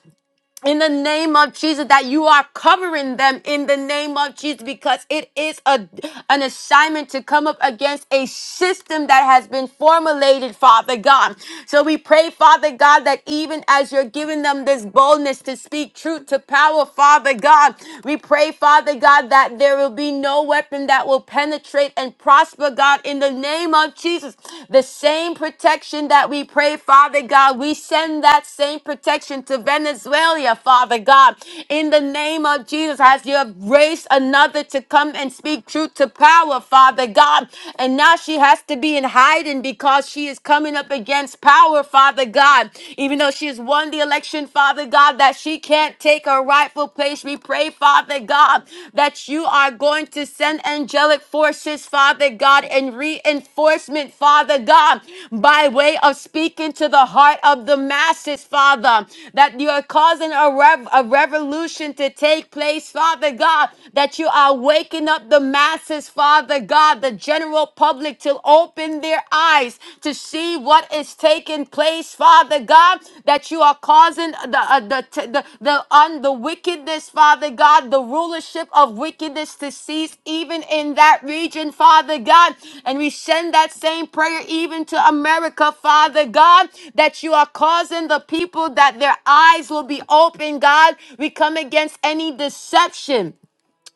in the name of Jesus that you are covering them in the name of Jesus because it is a an assignment to come up against a system that has been formulated Father God. So we pray Father God that even as you're giving them this boldness to speak truth to power Father God, we pray Father God that there will be no weapon that will penetrate and prosper God in the name of of Jesus. The same protection that we pray, Father God, we send that same protection to Venezuela, Father God. In the name of Jesus, as you have raised another to come and speak truth to power, Father God. And now she has to be in hiding because she is coming up against power, Father God. Even though she has won the election, Father God, that she can't take her rightful place place. We pray, Father God, that you are going to send angelic forces, Father God, and reinforcement, Father God, by way of speaking to the heart of the masses, Father, that you are causing a, rev- a revolution to take place, Father God, that you are waking up the masses, Father God, the general public to open their eyes, to see what is taking place, Father God, that you are causing the uh, the t- the the, un, the wickedness, Father God, the rulership of wickedness to cease even in that region, Father God. And we send that same prayer even to America, Father God, that you are causing the people that their eyes will be open, God. We come against any deception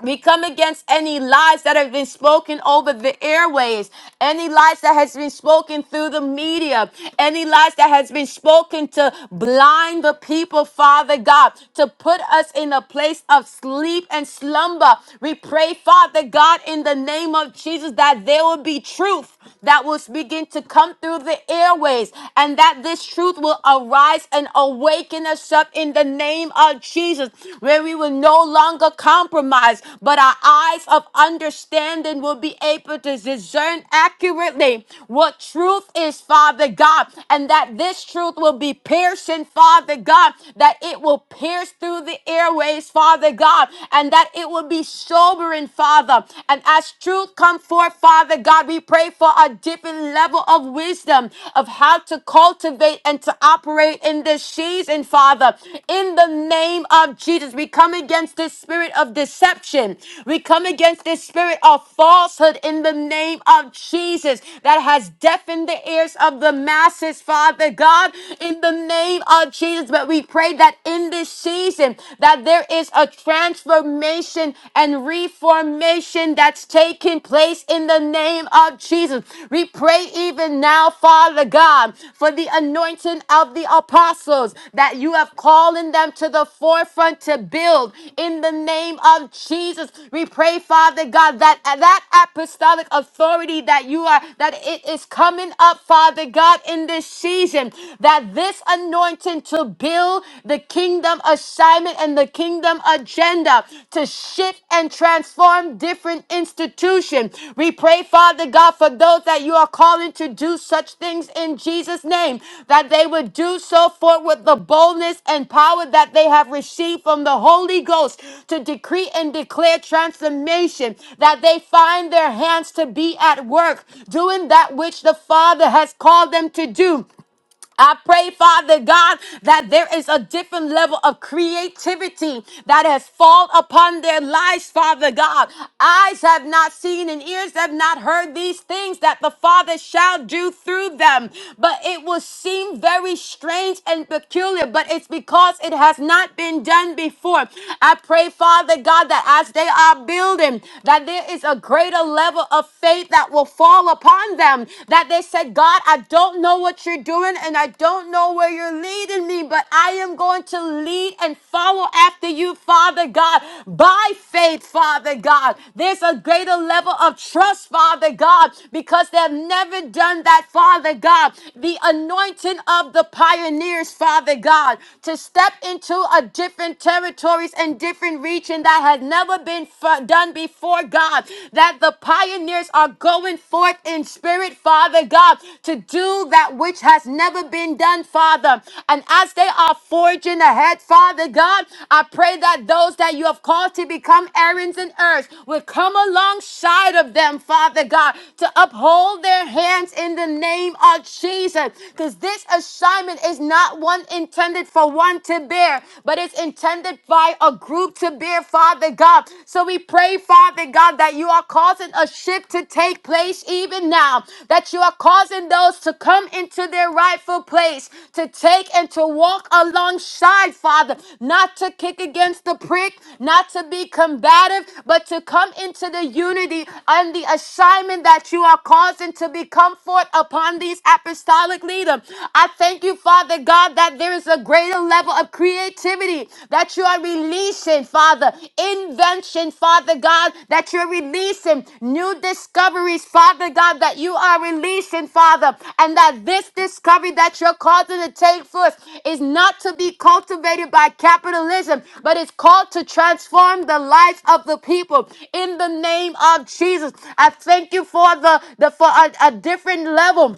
we come against any lies that have been spoken over the airways, any lies that has been spoken through the media, any lies that has been spoken to blind the people, Father God, to put us in a place of sleep and slumber. We pray, Father God, in the name of Jesus, that there will be truth that will begin to come through the airways and that this truth will arise and awaken us us up in the name of Jesus, where we will no longer compromise, but our eyes of understanding will be able to discern accurately what truth is, Father God, and that this truth will be piercing, Father God, that it will pierce through the airways, Father God, and that it will be sobering, Father. And as truth come forth, Father God, we pray for a different level of wisdom wisdom of how to cultivate and to operate in this season, Father. In the name of Jesus, we come against this spirit of deception. We come against this spirit of falsehood in the name of Jesus that has deafened the ears of the masses, Father God, in the name of Jesus. But we pray that in this season that there is a transformation and reformation healing that's taking place in the name of Jesus. We pray even now, Father God, for the anointing of the apostles that you have calling them to the forefront to build in the name of Jesus. We pray, Father God, that that apostolic authority that you are, that it is coming up, Father God, in this season, that this anointing to build the kingdom of assignment and the kingdom agenda to shift and transform different institutions. We pray, Father God, for those that you are calling to do such things in Jesus' name, that they would do so forth with the boldness and power that they have received from the Holy Ghost to decree and declare transformation, that they find their hands to be at work, doing that which the Father has called them to do. I pray, Father God, that there is a different level of creativity that has fallen upon their lives, Father God. Eyes have not seen and ears have not heard these things that the Father shall do through them. But it will seem very strange and peculiar, but it's because it has not been done before. I pray, Father God, that as they are building, that there is a greater level of faith that will fall upon upon them that they said, God, I don't know what you're doing and I don't know where you're leading me, but I am going to lead and follow after you, Father God, by faith, Father God. There's a greater level of trust, Father God, because they've never done that, Father God. The anointing of the pioneers, Father God, to step into a different territories and different region that had never been f- done before, Lord God, that the pioneers are going forth in spirit, Father God, to do that which has never been done, Father. And as they are forging ahead, Father God, I pray that those that you have called to become errands and earth will come alongside of them, Father God, to uphold their hands in the name of Jesus. Because this assignment is not one intended for one to bear, but it's intended by by a group to bear, Father God. So we pray, Father God, that you are causing a shift to take place even now, that you are causing those to come into their rightful place, to take and to walk alongside, Father, not to kick against the prick, not to be combative, but to come into the unity and the assignment that you are causing to become forth upon these apostolic leaders. I thank you, Father God, that that there is a greater level of creativity that you are releasing, Father. Invention, Father God, that you're releasing. New discoveries, Father God, that you are releasing, Father. And that this discovery that you're causing to take forth is not to be cultivated by capitalism, but it's called to transform the lives of the people. In the name of Jesus, I thank you for the, the for a a different level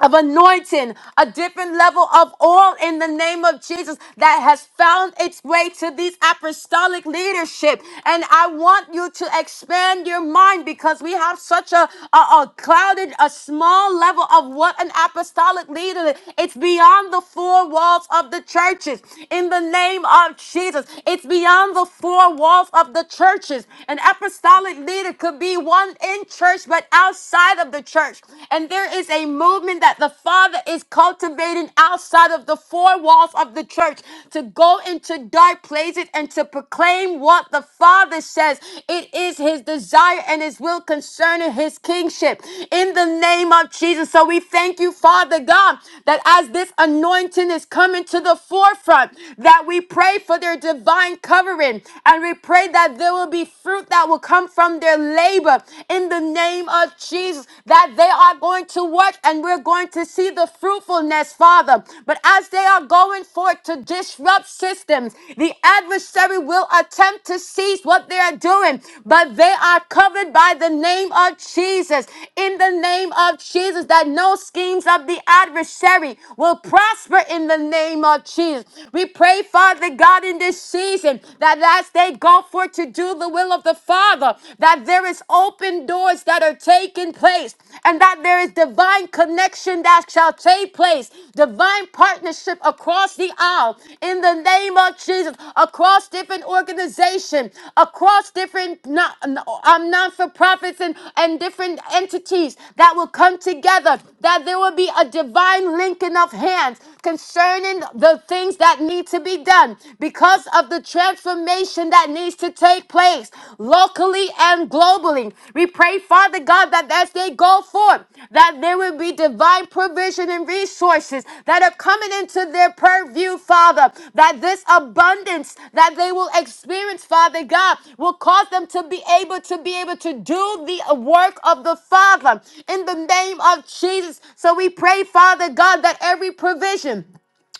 of anointing, a different level of oil in the name of Jesus that has found its way to these apostolic leadership. And I want you to expand your mind because we have such a, a, a clouded, a small level of what an apostolic leader is. It's beyond the four walls of the churches in the name of Jesus. It's beyond the four walls of the churches. An apostolic leader could be one in church, but outside outside of the church. And there is a movement that the Father is cultivating outside of the four walls of the church to go into dark places and to proclaim what the Father says. It is his desire and his will concerning his kingship. In the name of Jesus. So we thank you, Father God, that as this anointing is coming to the forefront, that we pray for their divine covering and we pray that there will be fruit that will come from their on their labor in the name of Jesus, that they are going to work and we're going to see the fruitfulness, Father. But as they are going forth to disrupt systems, the adversary will attempt to seize what they are doing, but they are covered by the name of Jesus. In the name of Jesus, that no schemes of the adversary will prosper in the name of Jesus. We pray, Father God, in this season that as they go thank God, for to do the will of the Father, that there is open doors that are taking place, and that there is divine connection that shall take place, divine partnership across the aisle in the name of Jesus, across different organizations, across different non- um, non-for-profits and, and different entities that will come together, that there will be a divine linking of hands concerning the things that need to be done done because of the transformation that needs to take place locally and globally. We pray, Father God, that as they go forth, that there will be divine provision and resources that are coming into their purview, Father, that this abundance that they will experience, Father God, will cause them to be able to be able to do the work of the Father in the name of Jesus. So we pray, Father God, that every provision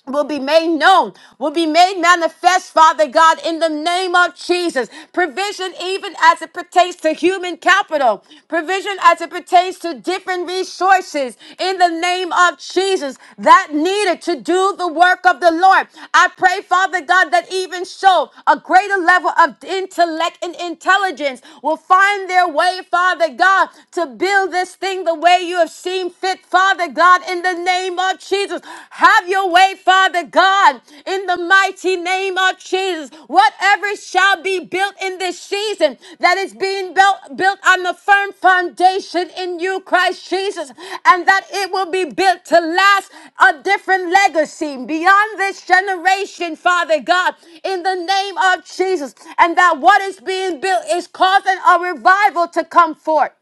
will be made known, will be made manifest, Father God, in the name of Jesus. Provision, even as it pertains to human capital, provision as it pertains to different resources, in the name of Jesus, that needed to do the work of the Lord. I pray, Father God, that even so, a greater level of intellect and intelligence will find their way, Father God, to build this thing the way you have seen fit, Father. Father God, in the name of Jesus. Have your way, Father God, in the mighty name of Jesus. Whatever shall be built in this season that is being built, built on the firm foundation in you, Christ Jesus, and that it will be built to last a different legacy beyond this generation, Father God, in the name of Jesus, and that what is being built is causing a revival to come forth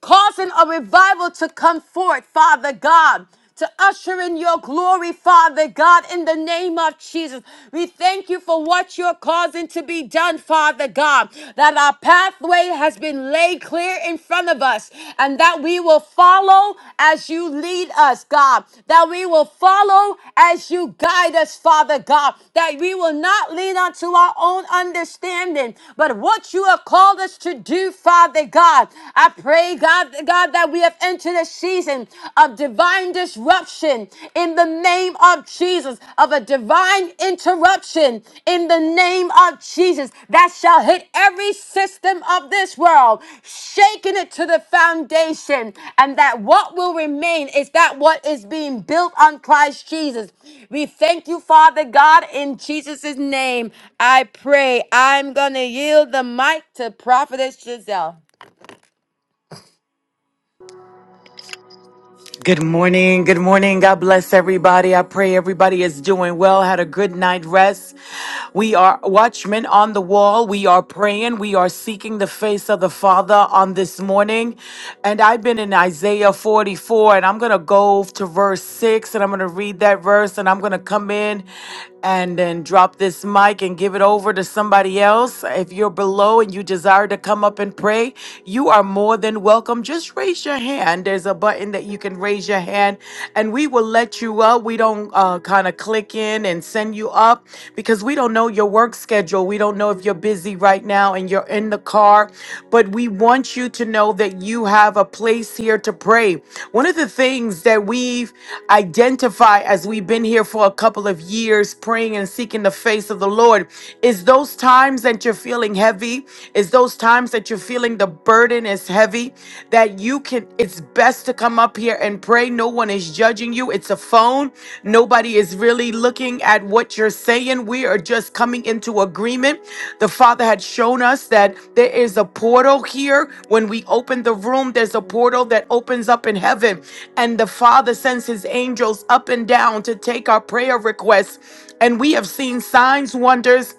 causing a revival to come forth, Father God. To usher in your glory, Father God, in the name of Jesus. We thank you for what you're causing to be done, Father God, that our pathway has been laid clear in front of us and that we will follow as you lead us, God, that we will follow as you guide us, Father God, that we will not lean unto our own understanding, but what you have called us to do, Father God. I pray, God, God, that we have entered a season of divine disruption in the name of Jesus, of a divine interruption in the name of Jesus that shall hit every system of this world, shaking it to the foundation, and that what will remain is that what is being built on Christ Jesus. We thank you, Father God, in Jesus' name. I pray. I'm going to yield the mic to Prophetess Giselle. Good morning. Good morning. God bless everybody. I pray everybody is doing well, had a good night rest. We are watchmen on the wall. We are praying. We are seeking the face of the Father on this morning. And I've been in Isaiah 44, and I'm going to go to verse 6, and I'm going to read that verse, and I'm going to come in and then drop this mic and give it over to somebody else. If you're below and you desire to come up and pray, you are more than welcome welcome, just raise your hand. There's a button that you can raise your hand and we will let you up. We don't uh, kind of click in and send you up because we don't know your work schedule. We don't know if you're busy right now and you're in the car, but we want you to know that you have a place here to pray. One of the things that we've identified as we've been here for a couple of years praying and seeking the face of the Lord is those times that you're feeling heavy, Is it's those times that you're feeling the burden is heavy, that you can, it's best to come up here and pray. No one is judging you. It's a phone. Nobody is really looking at what you're saying. We are just coming into agreement. The Father had shown us that there is a portal here. When we open the room, there's a portal that opens up in heaven. And the Father sends his angels up and down to take our prayer requests. And we have seen signs, wonders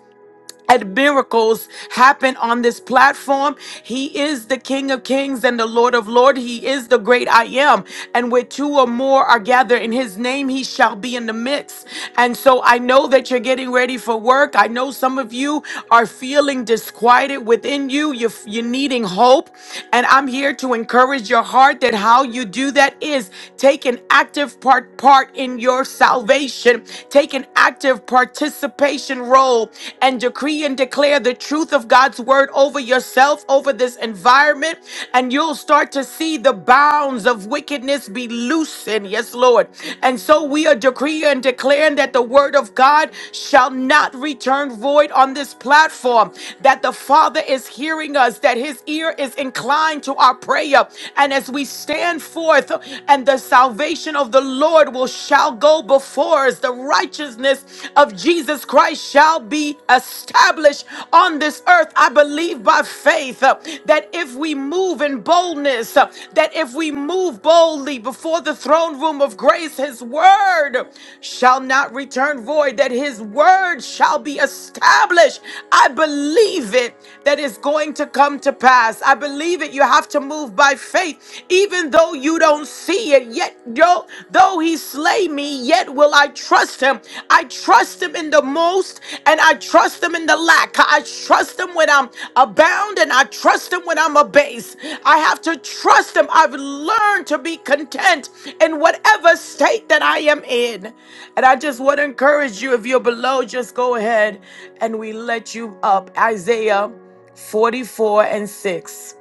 and miracles happen on this platform. He is the King of Kings and the Lord of Lords. He is the great I am. And where two or more are gathered in his name, he shall be in the midst. And so I know that you're getting ready for work. I know some of you are feeling disquieted within you. You're, you're needing hope. And I'm here to encourage your heart that how you do that is take an active part part in your salvation. Take an active active participation role and decree and declare the truth of God's word over yourself, over this environment, and you'll start to see the bounds of wickedness be loosened. Yes, Lord. And so we are decreeing and declaring that the word of God shall not return void on this platform, that the Father is hearing us, that his ear is inclined to our prayer. And as we stand forth and the salvation of the Lord, Lord will shall go before us. The righteousness of Jesus Christ shall be established on this earth. I believe by faith uh, that if we move in boldness, uh, that if we move boldly before the throne room of grace, his word shall not return void, that his word shall be established. I believe it that is going to come to pass. I believe it. You have to move by faith, even though though you don't see it, yet though, though he slay me, yet will I trust him. I trust him in the most, and I trust him in the lack. I trust him when I'm abound, and I trust him when I'm abased. I have to trust him. I've learned to be content in whatever state that I am in. And I just want to encourage you if you're below, just go ahead and we let you up. Isaiah 44 and 6.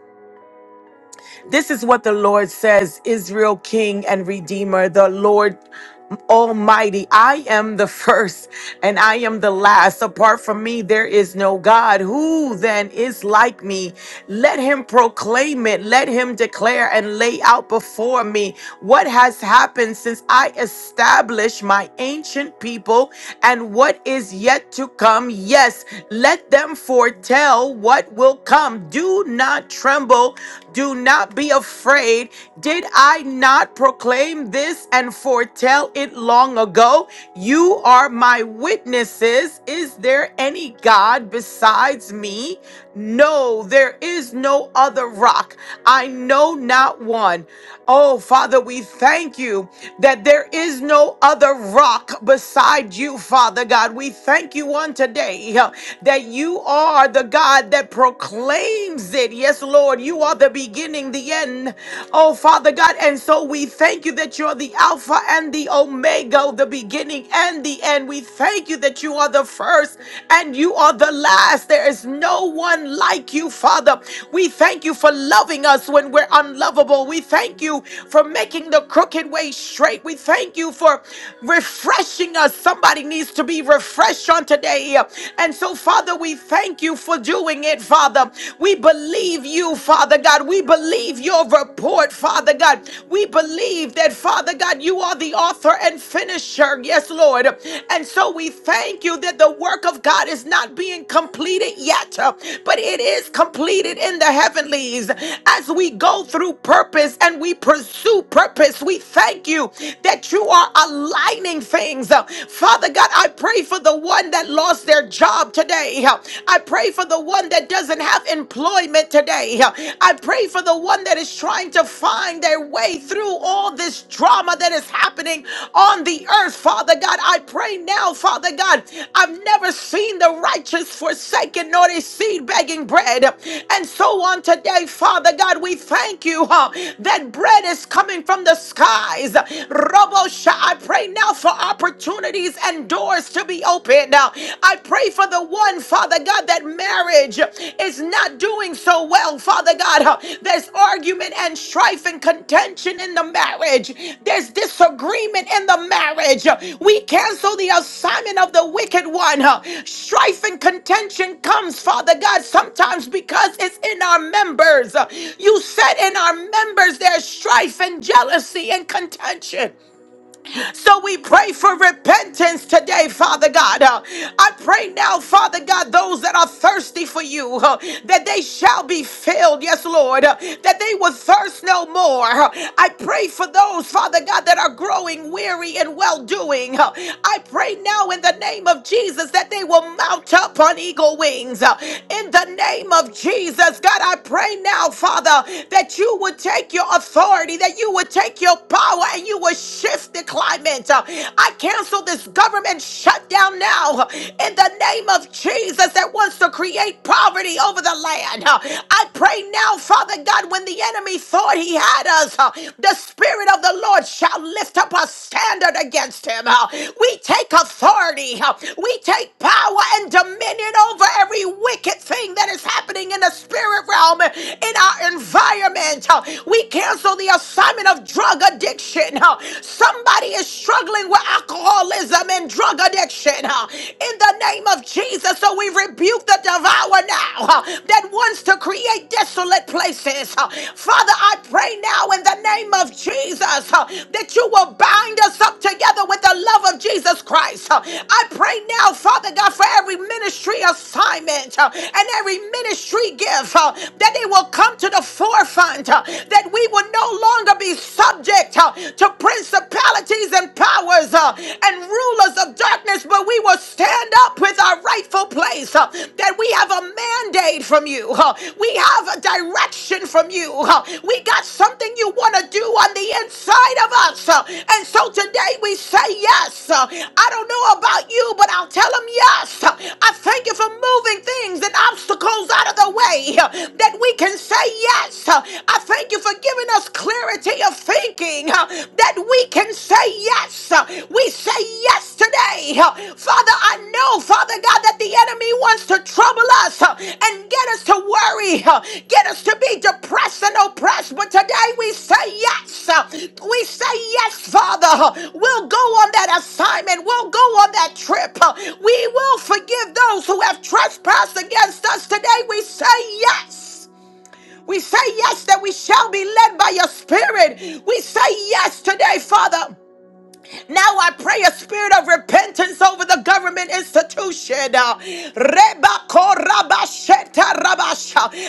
This is what the Lord says, Israel, King and Redeemer, the Lord Almighty. I am the first and I am the last. Apart from me, there is no God. Who then is like me? Let him proclaim it, let him declare and lay out before me what has happened since I established my ancient people and what is yet to come. Yes, let them foretell what will come. Do not tremble do not be afraid. Did I not proclaim this and foretell it long ago? You are my witnesses. Is there any God besides me? No, there is no other rock. I know not one. Oh, Father, we thank you that there is no other rock beside you, Father God. We thank you on today uh, that you are the God that proclaims claims it. Yes, Lord, you are the beginning, the end. Oh, Father God, and so we thank you that you're the Alpha and the Omega, the beginning and the end. We thank you that you are the first and you are the last. There is no one like you, Father. We thank you for loving us when we're unlovable. We thank you for making the crooked way straight. We thank you for refreshing us. Somebody needs to be refreshed on today. And so, Father, we we thank you for doing it, Father. We believe you, Father God. We believe your report, Father God. We believe that, Father God, you are the author and finisher. Yes, Lord. And so we thank you that the work of God is not being completed yet, uh, but it is completed in the heavenlies. As we go through purpose and we pursue purpose, we thank you that you are aligning things. Uh, Father God, I pray for the one that lost their job today. I pray for the one that doesn't have employment today. I pray for the one that is trying to find their way through all this drama that is happening on the earth, Father God. I pray now, Father God. I've never seen the righteous forsaken nor his seed begging bread. And so on today, Father God, we thank you huh, that bread is coming from the skies. Robo Sha, I pray now for opportunity opportunities and doors to be opened. Now, I pray for the one, Father God, that marriage is not doing so well, Father God. There's argument and strife and contention in the marriage, there's disagreement in the marriage. We cancel the assignment of the wicked one. Strife and contention comes, Father God, sometimes because it's in our members. You said in our members there's strife and jealousy and contention. So we pray for repentance today, Father God. Uh, I pray now, Father God, those that are thirsty for you, uh, that they shall be filled, yes, Lord, uh, that they will thirst no more. Uh, I pray for those, Father God, that are growing weary and well doing. I pray now in the name of Jesus that they will mount up on eagle wings. Uh, In the name of Jesus, God, I pray now, Father, that you would take your authority, that you would take your power, and you you will shift the climate. Uh, I cancel this government shutdown now uh, in the name of Jesus that wants to create poverty over the land. Uh, I pray now, Father God, when the enemy thought he had us, uh, the Spirit of the Lord shall lift up a standard against him. Uh, We take authority, uh, we take power and dominion over every wicked thing that is happening in the spirit realm, in our environment. Uh, We cancel the assignment of of drug addiction. huh? Somebody is struggling with alcoholism and drug addiction. huh? In the name of Jesus, so we rebuke the devourer now huh, that wants to create desolate places. huh. Father, I pray now in the name of Jesus huh, that you will bind us up together with the love of Jesus Christ. huh. I pray now, Father God, for every ministry assignment huh, and every ministry gift huh, that they will come to the forefront, huh, that we we will no longer be subject uh, to principalities and powers uh, and rulers of darkness, but we will stand up with our rightful place. uh, that we have a mandate from you, uh, we have a direction from you, uh, we got something you want to do on the inside of us. uh, and so today we say yes. uh, I don't know about you, but I'll tell them yes. uh, I thank you for moving things and obstacles out of the way uh, that we can say yes Jesus. Uh, I thank you for giving us clarity of thinking uh, that we can say yes. Uh, We say yes today. Uh, Father, I know, Father God, that the enemy wants to trouble us uh, and get us to worry, uh, get us to be depressed and oppressed. But today we say yes. Uh, We say yes, Father. Uh, We'll go on that assignment. We'll go on that trip. Uh, We will forgive those who have trespassed against us. Today we say yes. We say yes that we shall be led by your spirit. We say yes today, Father. Now I pray a spirit of repentance over the government institution. Uh, Rebako Rabasheta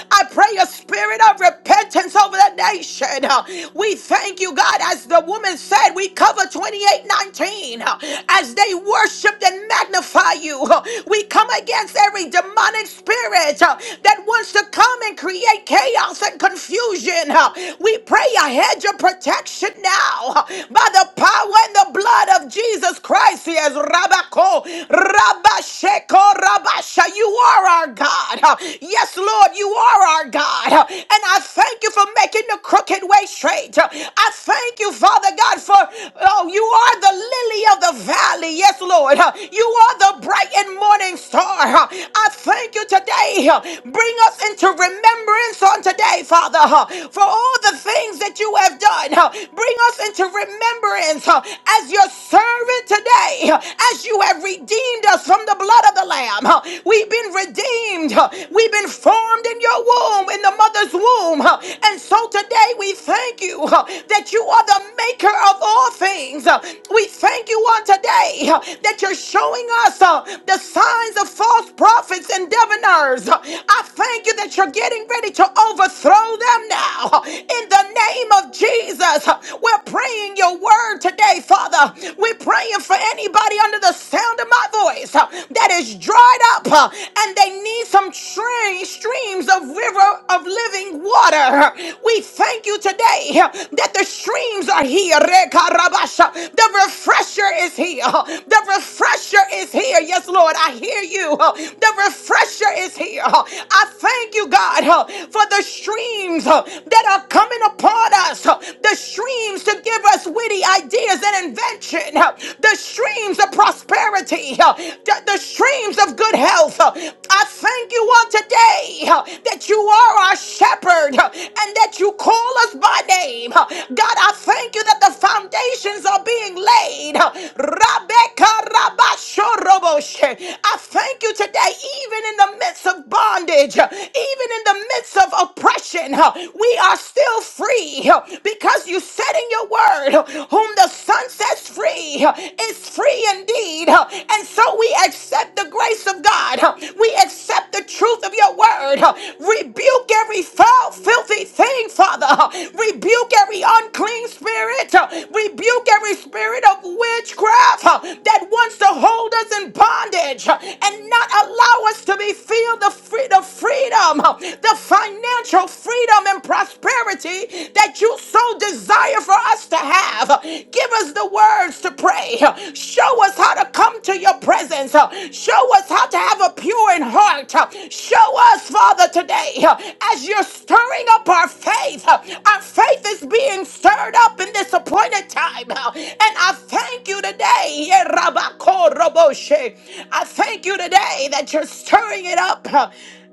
I pray a spirit of repentance over the nation. Uh, We thank you, God, as the woman said, we cover 2819 uh, as they worshiped and magnify you. Uh, We come against every demonic spirit uh, that wants to come and create chaos and confusion. Uh, We pray a hedge of protection now uh, by the power and the blood of Jesus Christ. Yes, Rabako, Rabasheko, Rabasha. You are our God. Yes, Lord, you are our God. And I thank you for making the crooked way straight. I thank you, Father God, for oh, you are the lily of the valley. Yes, Lord. You are the bright and morning star. I thank you today. Bring us into remembrance on today, Father, for all the things that you have done. Bring us into into remembrance uh, as your servant today, uh, as you have redeemed us from the blood of the Lamb. uh, We've been redeemed, uh, we've been formed in your womb, in the mother's womb. uh, And so today we thank you uh, that you are the maker of all all things. Uh, We thank you on today uh, that you're showing us uh, the signs of false prophets and diviners. Uh, I thank you that you're getting ready to overthrow them now. Uh, In the name of Jesus, uh, we're praying your word today, Father. We're praying for anybody under the sound of my voice uh, that is dried up uh, and they need some stream, streams of river of living water. Uh, we thank you today that the streams are here. Rekarabasha. The refresher is here. The refresher is here. Yes, Lord, I hear you. The refresher is here. I thank you, God, for the streams that are coming upon us. The streams to give us witty ideas and invention. The streams of prosperity. The the streams of good health. I thank you on today uh, that you are our shepherd uh, and that you call us by name. Uh, God, I thank you that the foundations are being laid. Uh, Rebecca Rabashoroboshe. I thank you today, even in the midst of bondage, uh, even in the midst of oppression, uh, we are still free uh, because you said in your word, uh, Whom the Son sets free uh, is free indeed. huh? And so we accept the grace of God. huh? We accept the truth of your word. huh? Rebuke every foul, filthy thing, Father. huh? Rebuke every unclean spirit. huh? Rebuke every spirit of witchcraft huh, that wants to hold us in bondage huh, and not allow us to be filled the, free, the freedom, huh, the financial freedom and prosperity that you so desire for for us to have. Give us the words to pray. Show us how to come to your presence. Show us how to have a pure in heart. Show us, Father, today, as you're stirring up our faith. Our faith is being stirred up in this appointed time. And I thank you today. Rabakoroboshe. I thank you today that you're stirring it up.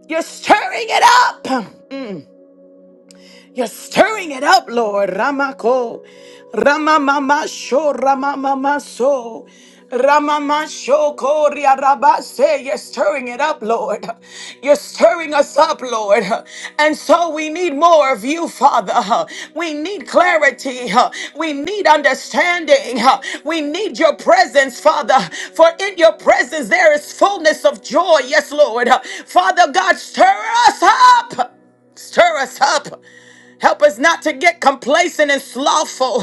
You're stirring it up. You're stirring it up, Lord. Ramako. Ramamama sho ramamama so. Ramama sho koria rabase. You're stirring it up, Lord. You're stirring us up, Lord. And so we need more of you, Father. We need clarity. We need understanding. We need your presence, Father. For in your presence there is fullness of joy. Yes, Lord. Father God, stir us up. Stir us up. Help us not to get complacent and slothful.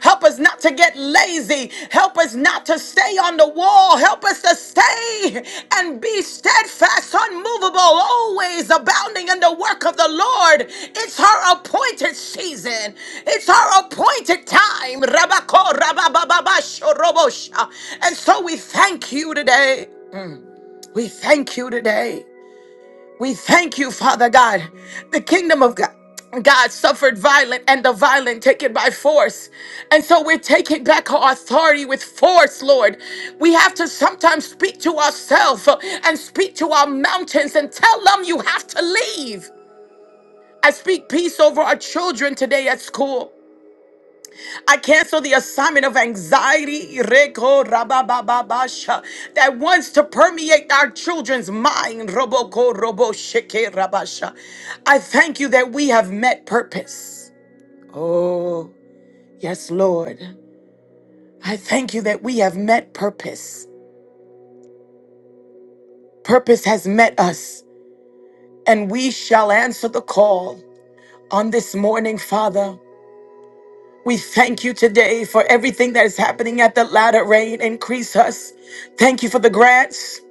Help us not to get lazy. Help us not to stay on the wall. Help us to stay and be steadfast, unmovable, always abounding in the work of the Lord. It's her appointed season. It's her appointed time. Rabako, rabababa, shorobosha. And so we thank you today. We thank you today. We thank you, Father God. The kingdom of God. God suffered violent and the violent take it by force. And so we're taking back our authority with force, Lord. We have to sometimes speak to ourselves and speak to our mountains and tell them you have to leave. I speak peace over our children today at school. I cancel the assignment of anxiety reko rabababasha, that wants to permeate our children's mind. Roboko robo sheke rabasha. I thank you that we have met purpose. Oh, yes, Lord. I thank you that we have met purpose. Purpose has met us, and we shall answer the call on this morning, Father. We thank you today for everything that is happening at the latter rain. Increase us. Thank you for the grants.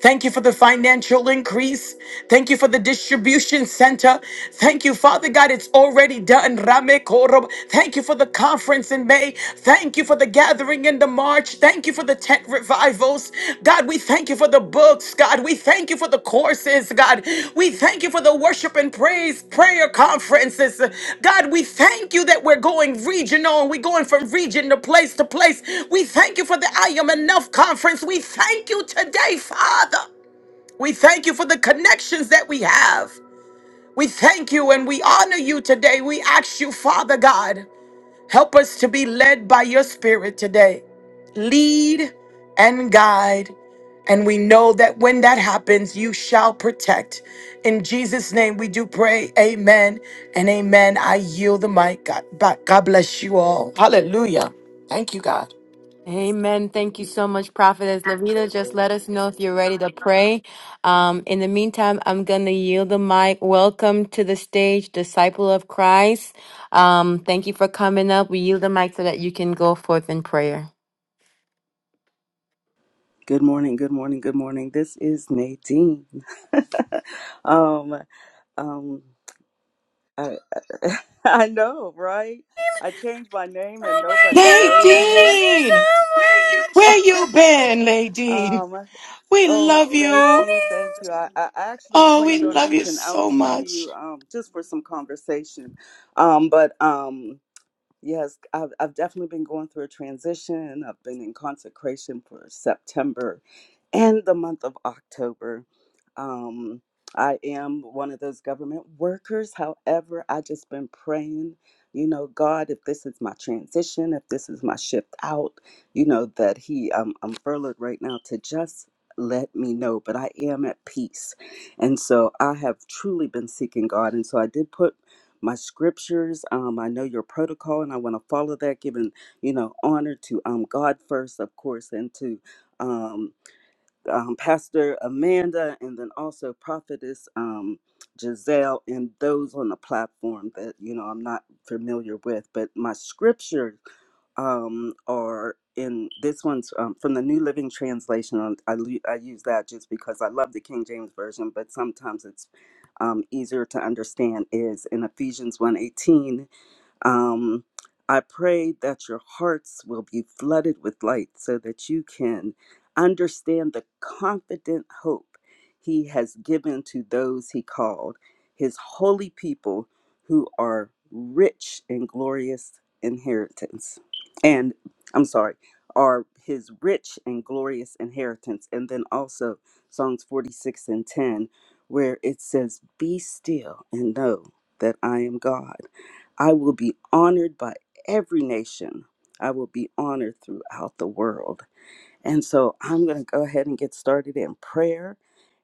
Thank you for the financial increase. Thank you for the distribution center. Thank you, Father God, it's already done. Rame korob. Thank you for the conference in May. Thank you for the gathering in the March. Thank you for the tent revivals. God, we thank you for the books. God, we thank you for the courses, God. We thank you for the worship and praise prayer conferences. God, we thank you that we're going regional and we're going from region to place to place. We thank you for the I Am Enough conference. We thank you today, Father. We thank you for the connections that we have. We thank you and we honor you today. We ask you, Father God. Help us to be led by your spirit today. Lead and guide. And we know that when that happens, you shall protect. In Jesus' name, we do pray. Amen and amen. I yield the mic. God, back. God bless you all. Hallelujah. Thank you, God. Amen. Thank you so much, Prophetess Lavita. Just let us know if you're ready to pray. Um, in the meantime, I'm going to yield the mic. Welcome to the stage, Disciple of Christ. Um, thank you for coming up. We yield the mic so that you can go forth in prayer. Good morning, good morning, good morning. This is Nadine. um, um, I, I I know, right? I changed my name and nobody knows me. Nadine, where you been, Nadine? um, We oh, love thank you. you, thank you. I, I actually Oh, we planned on love you reaching out so to much. you um, just for some conversation, um, but um, yes, I've, I've definitely been going through a transition. I've been in consecration for September and the month of October. Um, I am one of those government workers. However, I just been praying, you know, God, if this is my transition, if this is my shift out, you know, that He, um, I'm furloughed right now to just let me know. But I am at peace, and so I have truly been seeking God, and so I did put my scriptures. Um, I know your protocol, and I want to follow that, giving you know honor to um God first, of course, and to um um, Pastor Amanda, and then also Prophetess um, Giselle, and those on the platform that you know I'm not familiar with. But my scripture um, are in this one's um, from the New Living Translation. and I, lu- I use that just because I love the King James version, but sometimes it's um, easier to understand. Is in Ephesians one eighteen. Um, I pray that your hearts will be flooded with light so that you can understand the confident hope he has given to those he called, his holy people who are rich in glorious inheritance. And I'm sorry, are his rich and glorious inheritance. And then also Psalms 46 and 10, where it says, Be still and know that I am God. I will be honored by every nation. I will be honored throughout the world. And so I'm going to go ahead and get started in prayer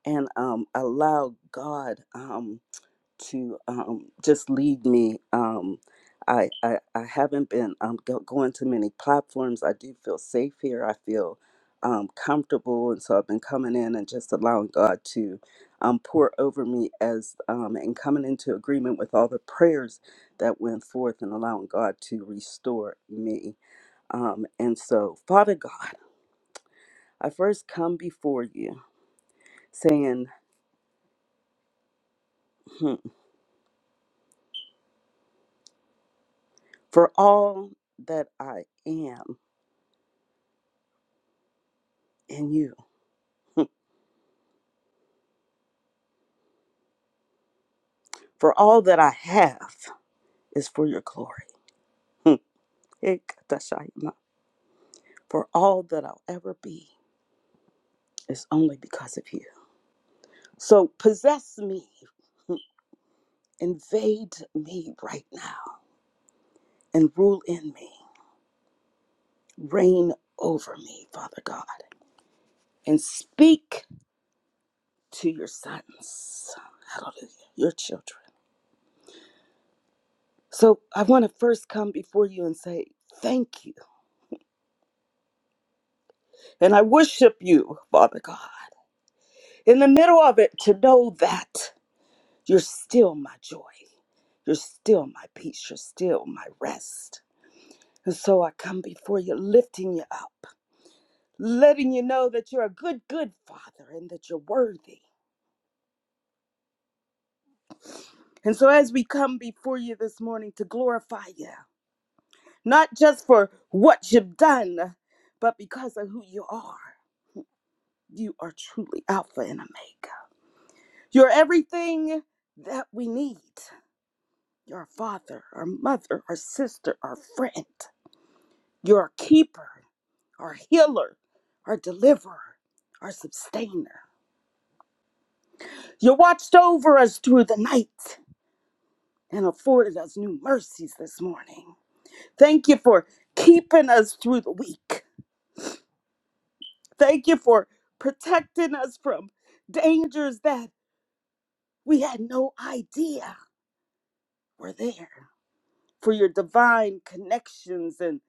and um, allow God. um, to um, just lead me. Um, I, I I haven't been um, go, going to many platforms. I do feel safe here. I feel um, comfortable, and so I've been coming in and just allowing God to um, pour over me as um, and coming into agreement with all the prayers that went forth, and allowing God to restore me. Um, and so, Father God, I first come before you, saying, hmm, for all that I am in you. For all that I have is for your glory. Hmm. Ikatashayama. For all that I'll ever be is only because of you. So possess me, invade me right now, and rule in me. Reign over me, Father God, and speak to your sons. Hallelujah, your children. So I want to first come before you and say, Thank you. And I worship you, Father God. In the middle of it, to know that. You're still my joy. You're still my peace. You're still my rest. And so I come before you, lifting you up, letting you know that you're a good, good Father and that you're worthy. And so as we come before you this morning to glorify you, not just for what you've done, but because of who you are, you are truly Alpha and Omega. You're everything that we need. You're our father, our mother, our sister, our friend. You're a keeper. our healer, our deliverer, our sustainer. You watched over us through the night and afforded us new mercies this morning. Thank you for keeping us through the week. Thank you for protecting us from dangers that we had no idea were there. For your divine connections and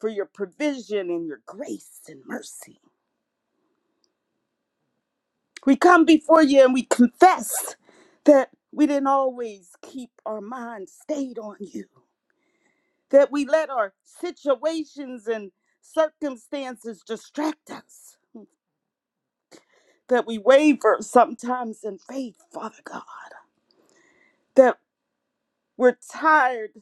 for your provision and your grace and mercy. We come before you and we confess that we didn't always keep our minds stayed on you, that we let our situations and circumstances distract us, that we waver sometimes in faith, Father God, that we're tired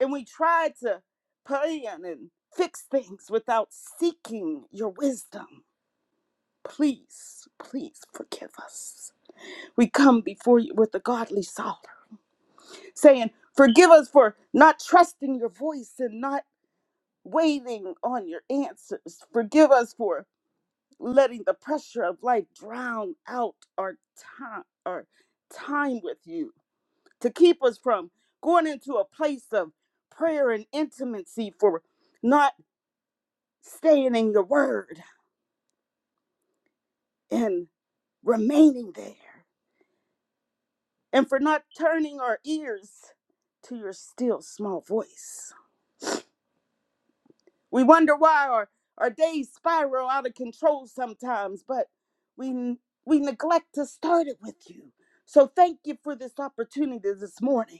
and we try to plan and fix things without seeking your wisdom. Please, please forgive us. We come before you with a godly sorrow saying, Forgive us for not trusting your voice and not waiting on your answers. Forgive us for letting the pressure of life drown out our time our time with you to keep us from going into a place of prayer and intimacy for not staying in your word and remaining there and for not turning our ears to your still small voice. We wonder why our, our days spiral out of control sometimes, but we we neglect to start it with you. So thank you for this opportunity this morning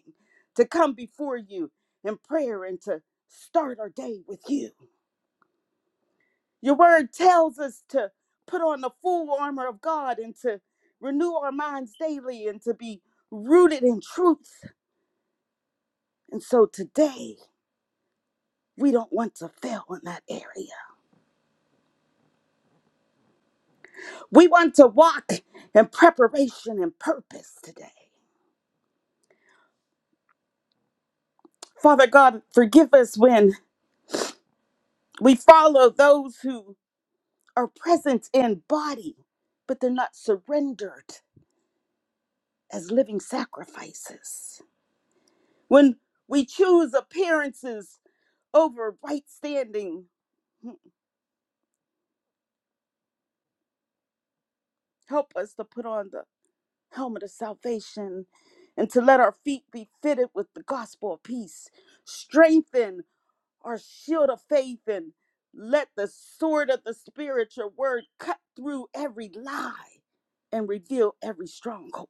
to come before you in prayer and to start our day with you. Your word tells us to put on the full armor of God and to renew our minds daily and to be rooted in truth. And so today, we don't want to fail in that area. We want to walk in preparation and purpose today. Father God, forgive us when we follow those who are present in body, but they're not surrendered as living sacrifices. When we choose appearances over right standing, help us to put on the helmet of salvation and to let our feet be fitted with the gospel of peace. Strengthen our shield of faith and let the sword of the spirit, your word, cut through every lie and reveal every stronghold.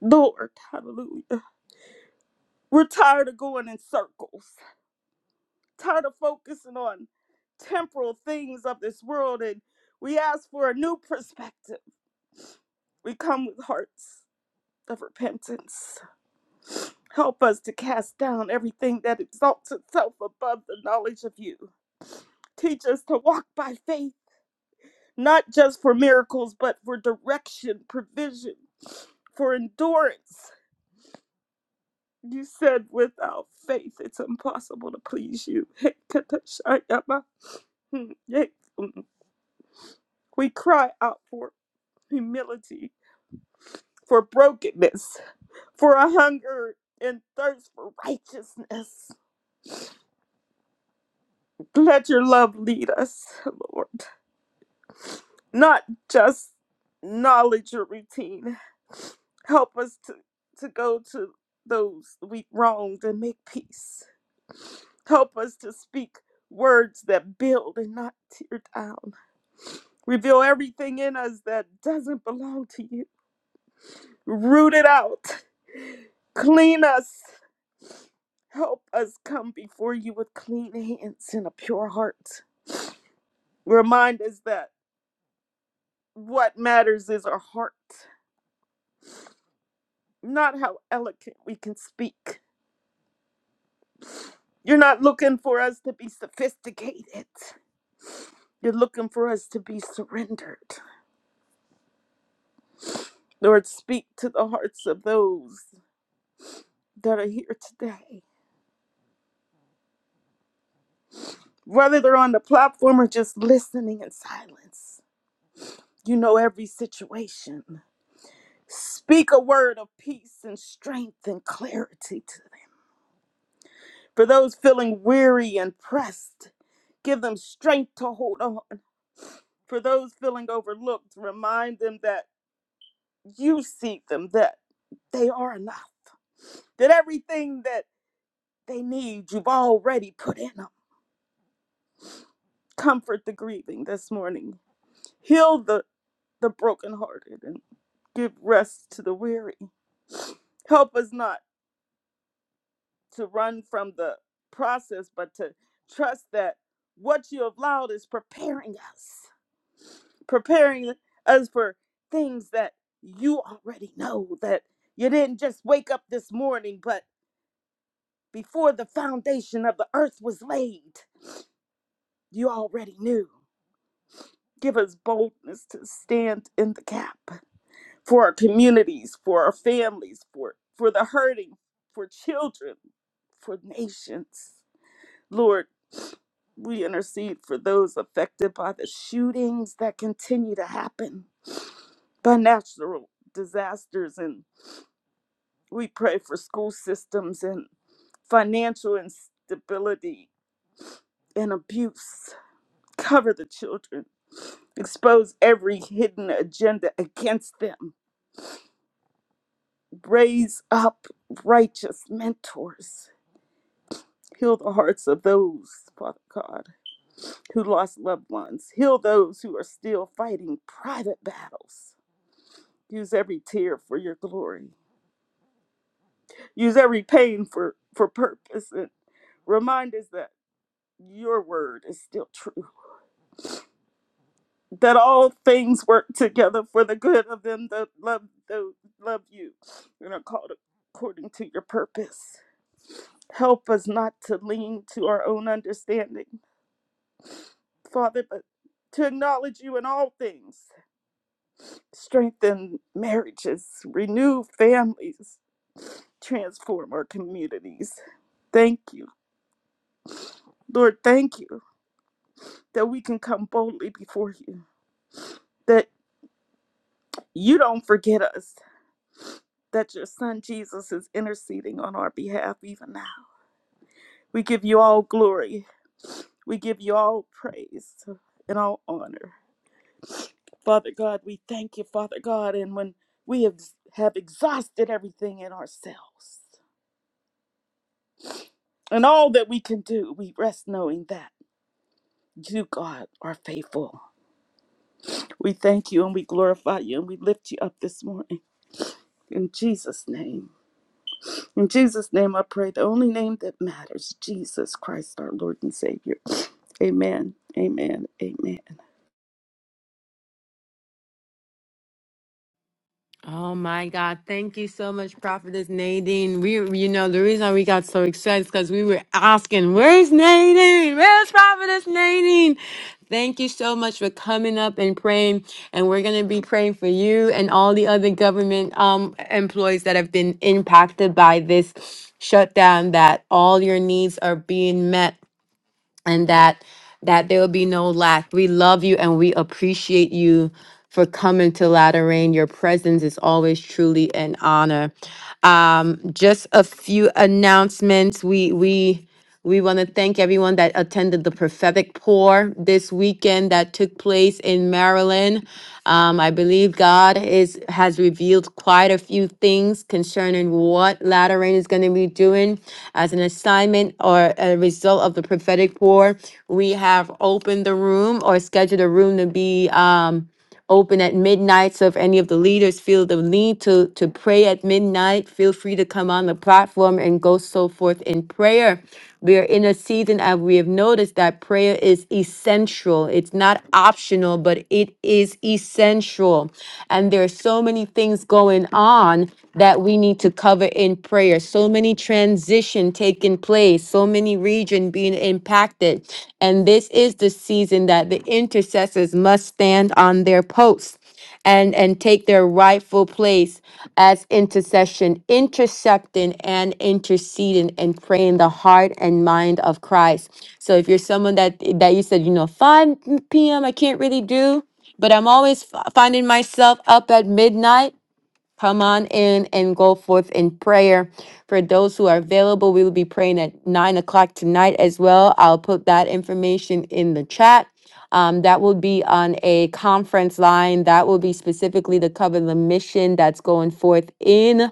Lord, hallelujah. We're tired of going in circles, tired of focusing on temporal things of this world, and we ask for a new perspective. We come with hearts of repentance. Help us to cast down everything that exalts itself above the knowledge of you. Teach us to walk by faith not just for miracles, but for direction, provision, for endurance. You said, without faith, it's impossible to please you. We cry out for humility, for brokenness, for a hunger and thirst for righteousness. Let your love lead us, Lord. not just knowledge or routine. Help us to, to go to those we wronged and make peace. Help us to speak words that build and not tear down. Reveal everything in us that doesn't belong to you. Root it out. Clean us. Help us come before you with clean hands and a pure heart. Remind us that what matters is our heart, not how eloquent we can speak. You're not looking for us to be sophisticated. You're looking for us to be surrendered. Lord, speak to the hearts of those that are here today. Whether they're on the platform or just listening in silence, you know every situation. Speak a word of peace and strength and clarity to them. For those feeling weary and pressed, give them strength to hold on. For those feeling overlooked, remind them that you see them, that they are enough, that everything that they need, you've already put in them. Comfort the grieving this morning, heal the, the brokenhearted, and give rest to the weary. Help us not to run from the process, but to trust that what you have allowed is preparing us, preparing us for things that you already know, that you didn't just wake up this morning, but Before the foundation of the earth was laid, you already knew. Give us boldness to stand in the gap for our communities, for our families, for, for the hurting, for children, for nations. Lord, we intercede for those affected by the shootings that continue to happen by natural disasters. And we pray for school systems and financial instability and abuse. Cover the children. Expose every hidden agenda against them. Raise up righteous mentors. Heal the hearts of those, Father God, who lost loved ones. Heal those who are still fighting private battles. Use every tear for your glory. Use every pain for, for purpose. And remind us that your word is still true that all things work together for the good of them that love those love you and are called according to your purpose. Help us not to lean to our own understanding, Father, but to acknowledge you in all things. Strengthen marriages, renew families, transform our communities. Thank you. Lord, thank you that we can come boldly before you, that you don't forget us, that your son Jesus is interceding on our behalf even now. We give you all glory. We give you all praise and all honor. Father God, we thank you, Father God. And when we have, have exhausted everything in ourselves and all that we can do, we rest knowing that you, God, are faithful. We thank you and we glorify you and we lift you up this morning. In Jesus' name. In Jesus' name, I pray the only name that matters, Jesus Christ, our Lord and Savior. Amen. Amen. Amen. Oh my God. Thank you so much, Prophetess Nadine. We, you know, the reason we got so excited is because we were asking, where's Nadine? Where's Prophetess Nadine? Thank you so much for coming up and praying. And we're going to be praying for you and all the other government um, employees that have been impacted by this shutdown, that all your needs are being met and that that there will be no lack. We love you and we appreciate you for coming to Latter Rain. Your presence is always truly an honor. Um, just a few announcements. We we we want to thank everyone that attended the prophetic pour this weekend that took place in Maryland. Um, I believe God is has revealed quite a few things concerning what Latter Rain is going to be doing as an assignment or a result of the prophetic pour. We have opened the room or scheduled a room to be um, open at midnight. So if any of the leaders feel the need to, to pray at midnight, feel free to come on the platform and go so forth in prayer. We are in a season and we have noticed that prayer is essential. It's not optional, but it is essential. And there are so many things going on that we need to cover in prayer. So many transition taking place, so many any region being impacted. And this is the season that the intercessors must stand on their posts and and take their rightful place as intercession intercepting and interceding and praying the heart and mind of christ so if you're someone that that you said you know 5 p.m i can't really do but i'm always f- finding myself up at midnight Come on in and go forth in prayer. For those who are available, we will be praying at nine o'clock tonight as well. I'll put that information in the chat. Um, that will be on a conference line. That will be specifically to cover the mission that's going forth in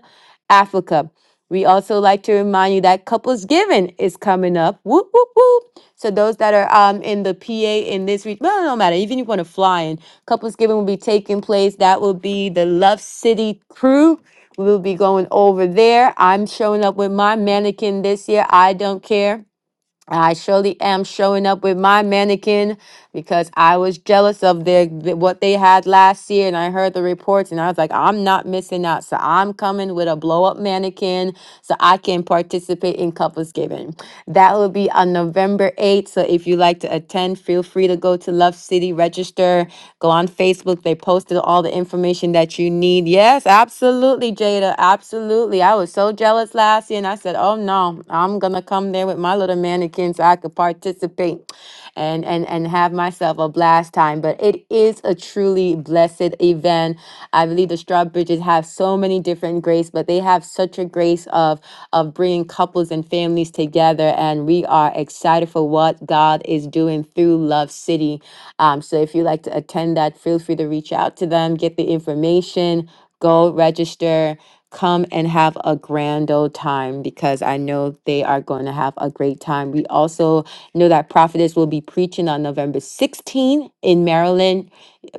Africa. We also like to remind you that Couples Giving is coming up. Whoop, whoop, whoop. So those that are um in the PA in this region, well, no matter, even if you want to fly in, Couples Giving will be taking place. That will be the Love City crew. We will be going over there. I'm showing up with my mannequin this year. I don't care. I surely am showing up with my mannequin because I was jealous of their what they had last year and I heard the reports and I was like I'm not missing out so I'm coming with a blow up mannequin so I can participate in couples giving. That will be on November 8th so if you like to attend feel free to go to Love City register go on Facebook they posted all the the information that you need. Yes, absolutely, Jada. Absolutely. I was so jealous last year and I said, oh no, I'm gonna come there with my little mannequin so I could participate and and and have myself a blast time. But it is a truly blessed event. I believe the straw bridges have so many different grace, but they have such a grace of of bringing couples and families families together, and we are excited for what God is doing through Love City. Um, so if you'd like to attend that, feel free to reach out to them, get the information, go register, come and have a grand old time because I know they are going to have a great time. We also know that Prophetess will be preaching on November sixteenth in Maryland.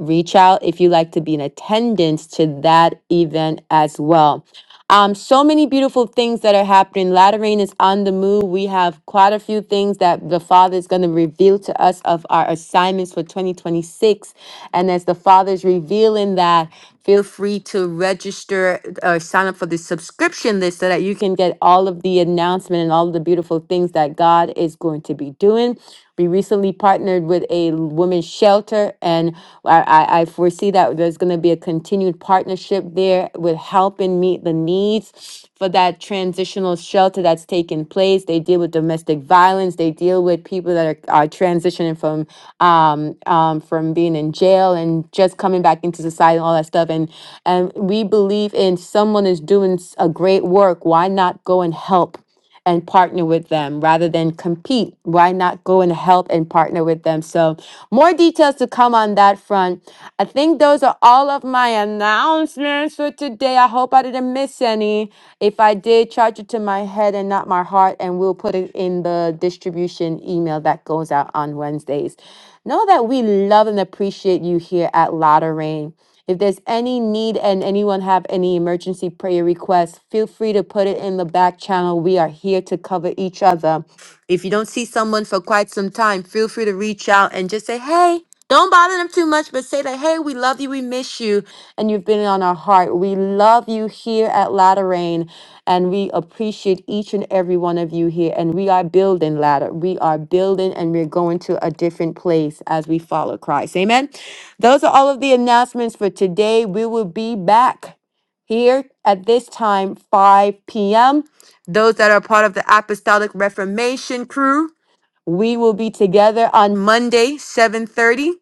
Reach out if you'd like to be in attendance to that event as well. Um, so many beautiful things that are happening. Latter rain is on the move. We have quite a few things that the Father is going to reveal to us of our assignments for 2026. And as the Father is revealing that, feel free to register or sign up for the subscription list so that you can get all of the announcement and all of the beautiful things that God is going to be doing. We recently partnered with a women's shelter, and I, I, I foresee see that there's going to be a continued partnership there with helping meet the needs for that transitional shelter that's taking place. They deal with domestic violence. They deal with people that are, are transitioning from um, um, from being in jail and just coming back into society and all that stuff. And and we believe in someone is doing s- a great work. Why not go and help? and partner with them rather than compete. Why not go and help and partner with them? So, more details to come on that front. I think those are all of my announcements for today. I hope I didn't miss any. If I did, charge it to my head and not my heart, and we'll put it in the distribution email that goes out on Wednesdays. Know that we love and appreciate you here at Lotta Rain. If there's any need and anyone have any emergency prayer requests, feel free to put it in the back channel. We are here to cover each other. If you don't see someone for quite some time, feel free to reach out and just say, "Hey, don't bother them too much, but say that, "Hey, we love you, we miss you." And you been on our heart. We love you here at Latter Rain, and we appreciate each and every one of you here. And we are building ladder. We are building, and we're going to a different place as we follow Christ. Amen. Those are all of the announcements for today. We will be back here at this time, 5 p.m. Those that are part of the Apostolic Reformation crew, we will be together on Monday, 7:30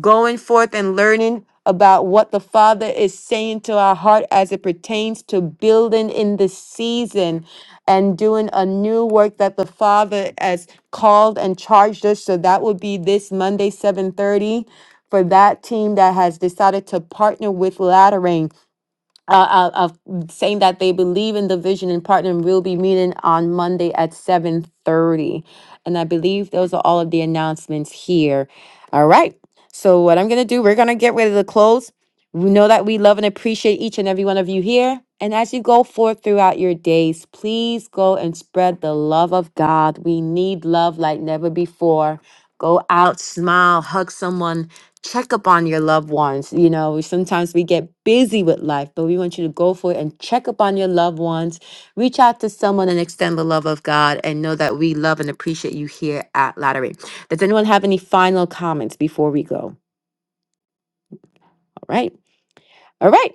going forth and learning about what the Father is saying to our heart as it pertains to building in this season and doing a new work that the Father has called and charged us. So that would be this Monday, 7:30. For that team that has decided to partner with Laddering uh, uh, of saying that they believe in the vision and partner and will be meeting on Monday at 7:30. And I believe those are all of the announcements here. All right. So what I'm gonna do, we're gonna get ready to close. We know that we love and appreciate each and every one of you here. And as you go forth throughout your days, please go and spread the love of God. We need love like never before. Go out, smile, hug someone, check up on your loved ones. You know, sometimes we get busy with life, but we want you to go for it and check up on your loved ones. Reach out to someone and extend the love of God and know that we love and appreciate you here at Lattery. Does anyone have any final comments before we go? All right. All right.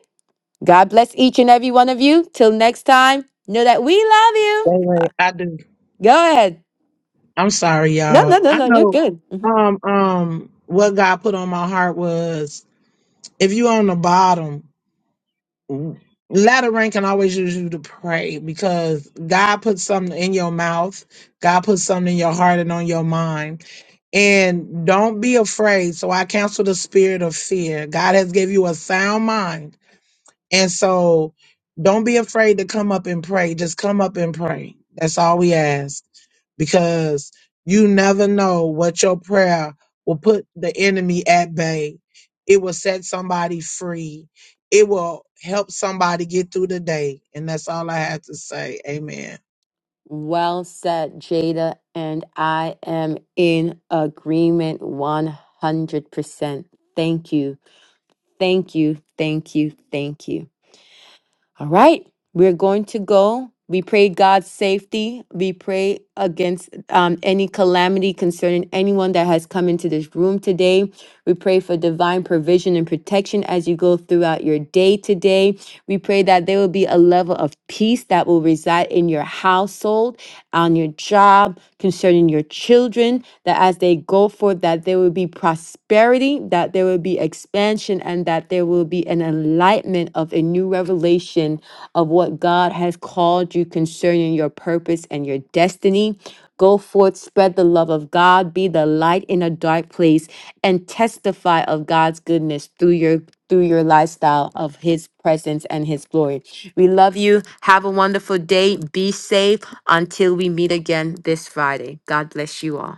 God bless each and every one of you. Till next time, know that we love you. Wait, wait, I do. Go ahead. I'm sorry, No, y'all. no, no, I no. You're know good. Mhm. um um what God put on my heart was if you on the bottom, ladder rank can always use you to pray because God put something in your mouth, God put something in your heart and on your mind. and don't be afraid so i cancel the spirit of fear god has given you a sound mind and so don't be afraid to come up and pray just come up and pray that's all we ask because you never know what your prayer will put the enemy at bay it will set somebody free it will help somebody get through the day and that's all i have to say amen Well said, Jada. And I am in agreement 100%. Thank you. Thank you. Thank you. Thank you. All right, we're going to go. We pray God's safety. We pray against um, any calamity concerning anyone that has come into this room today. We pray for divine provision and protection as you go throughout your day today. We pray that there will be a level of peace that will reside in your household, on your job, concerning your children, that as they go forth, that there will be prosperity, that there will be expansion and that there will be an enlightenment of a new revelation of what God has called you concerning your purpose and your destiny. Go forth, spread the love of God, be the light in a dark place, and testify of God's goodness through your through your lifestyle of his presence and his glory. We love you. Have a wonderful day. Be safe until we meet again this Friday. God bless you all.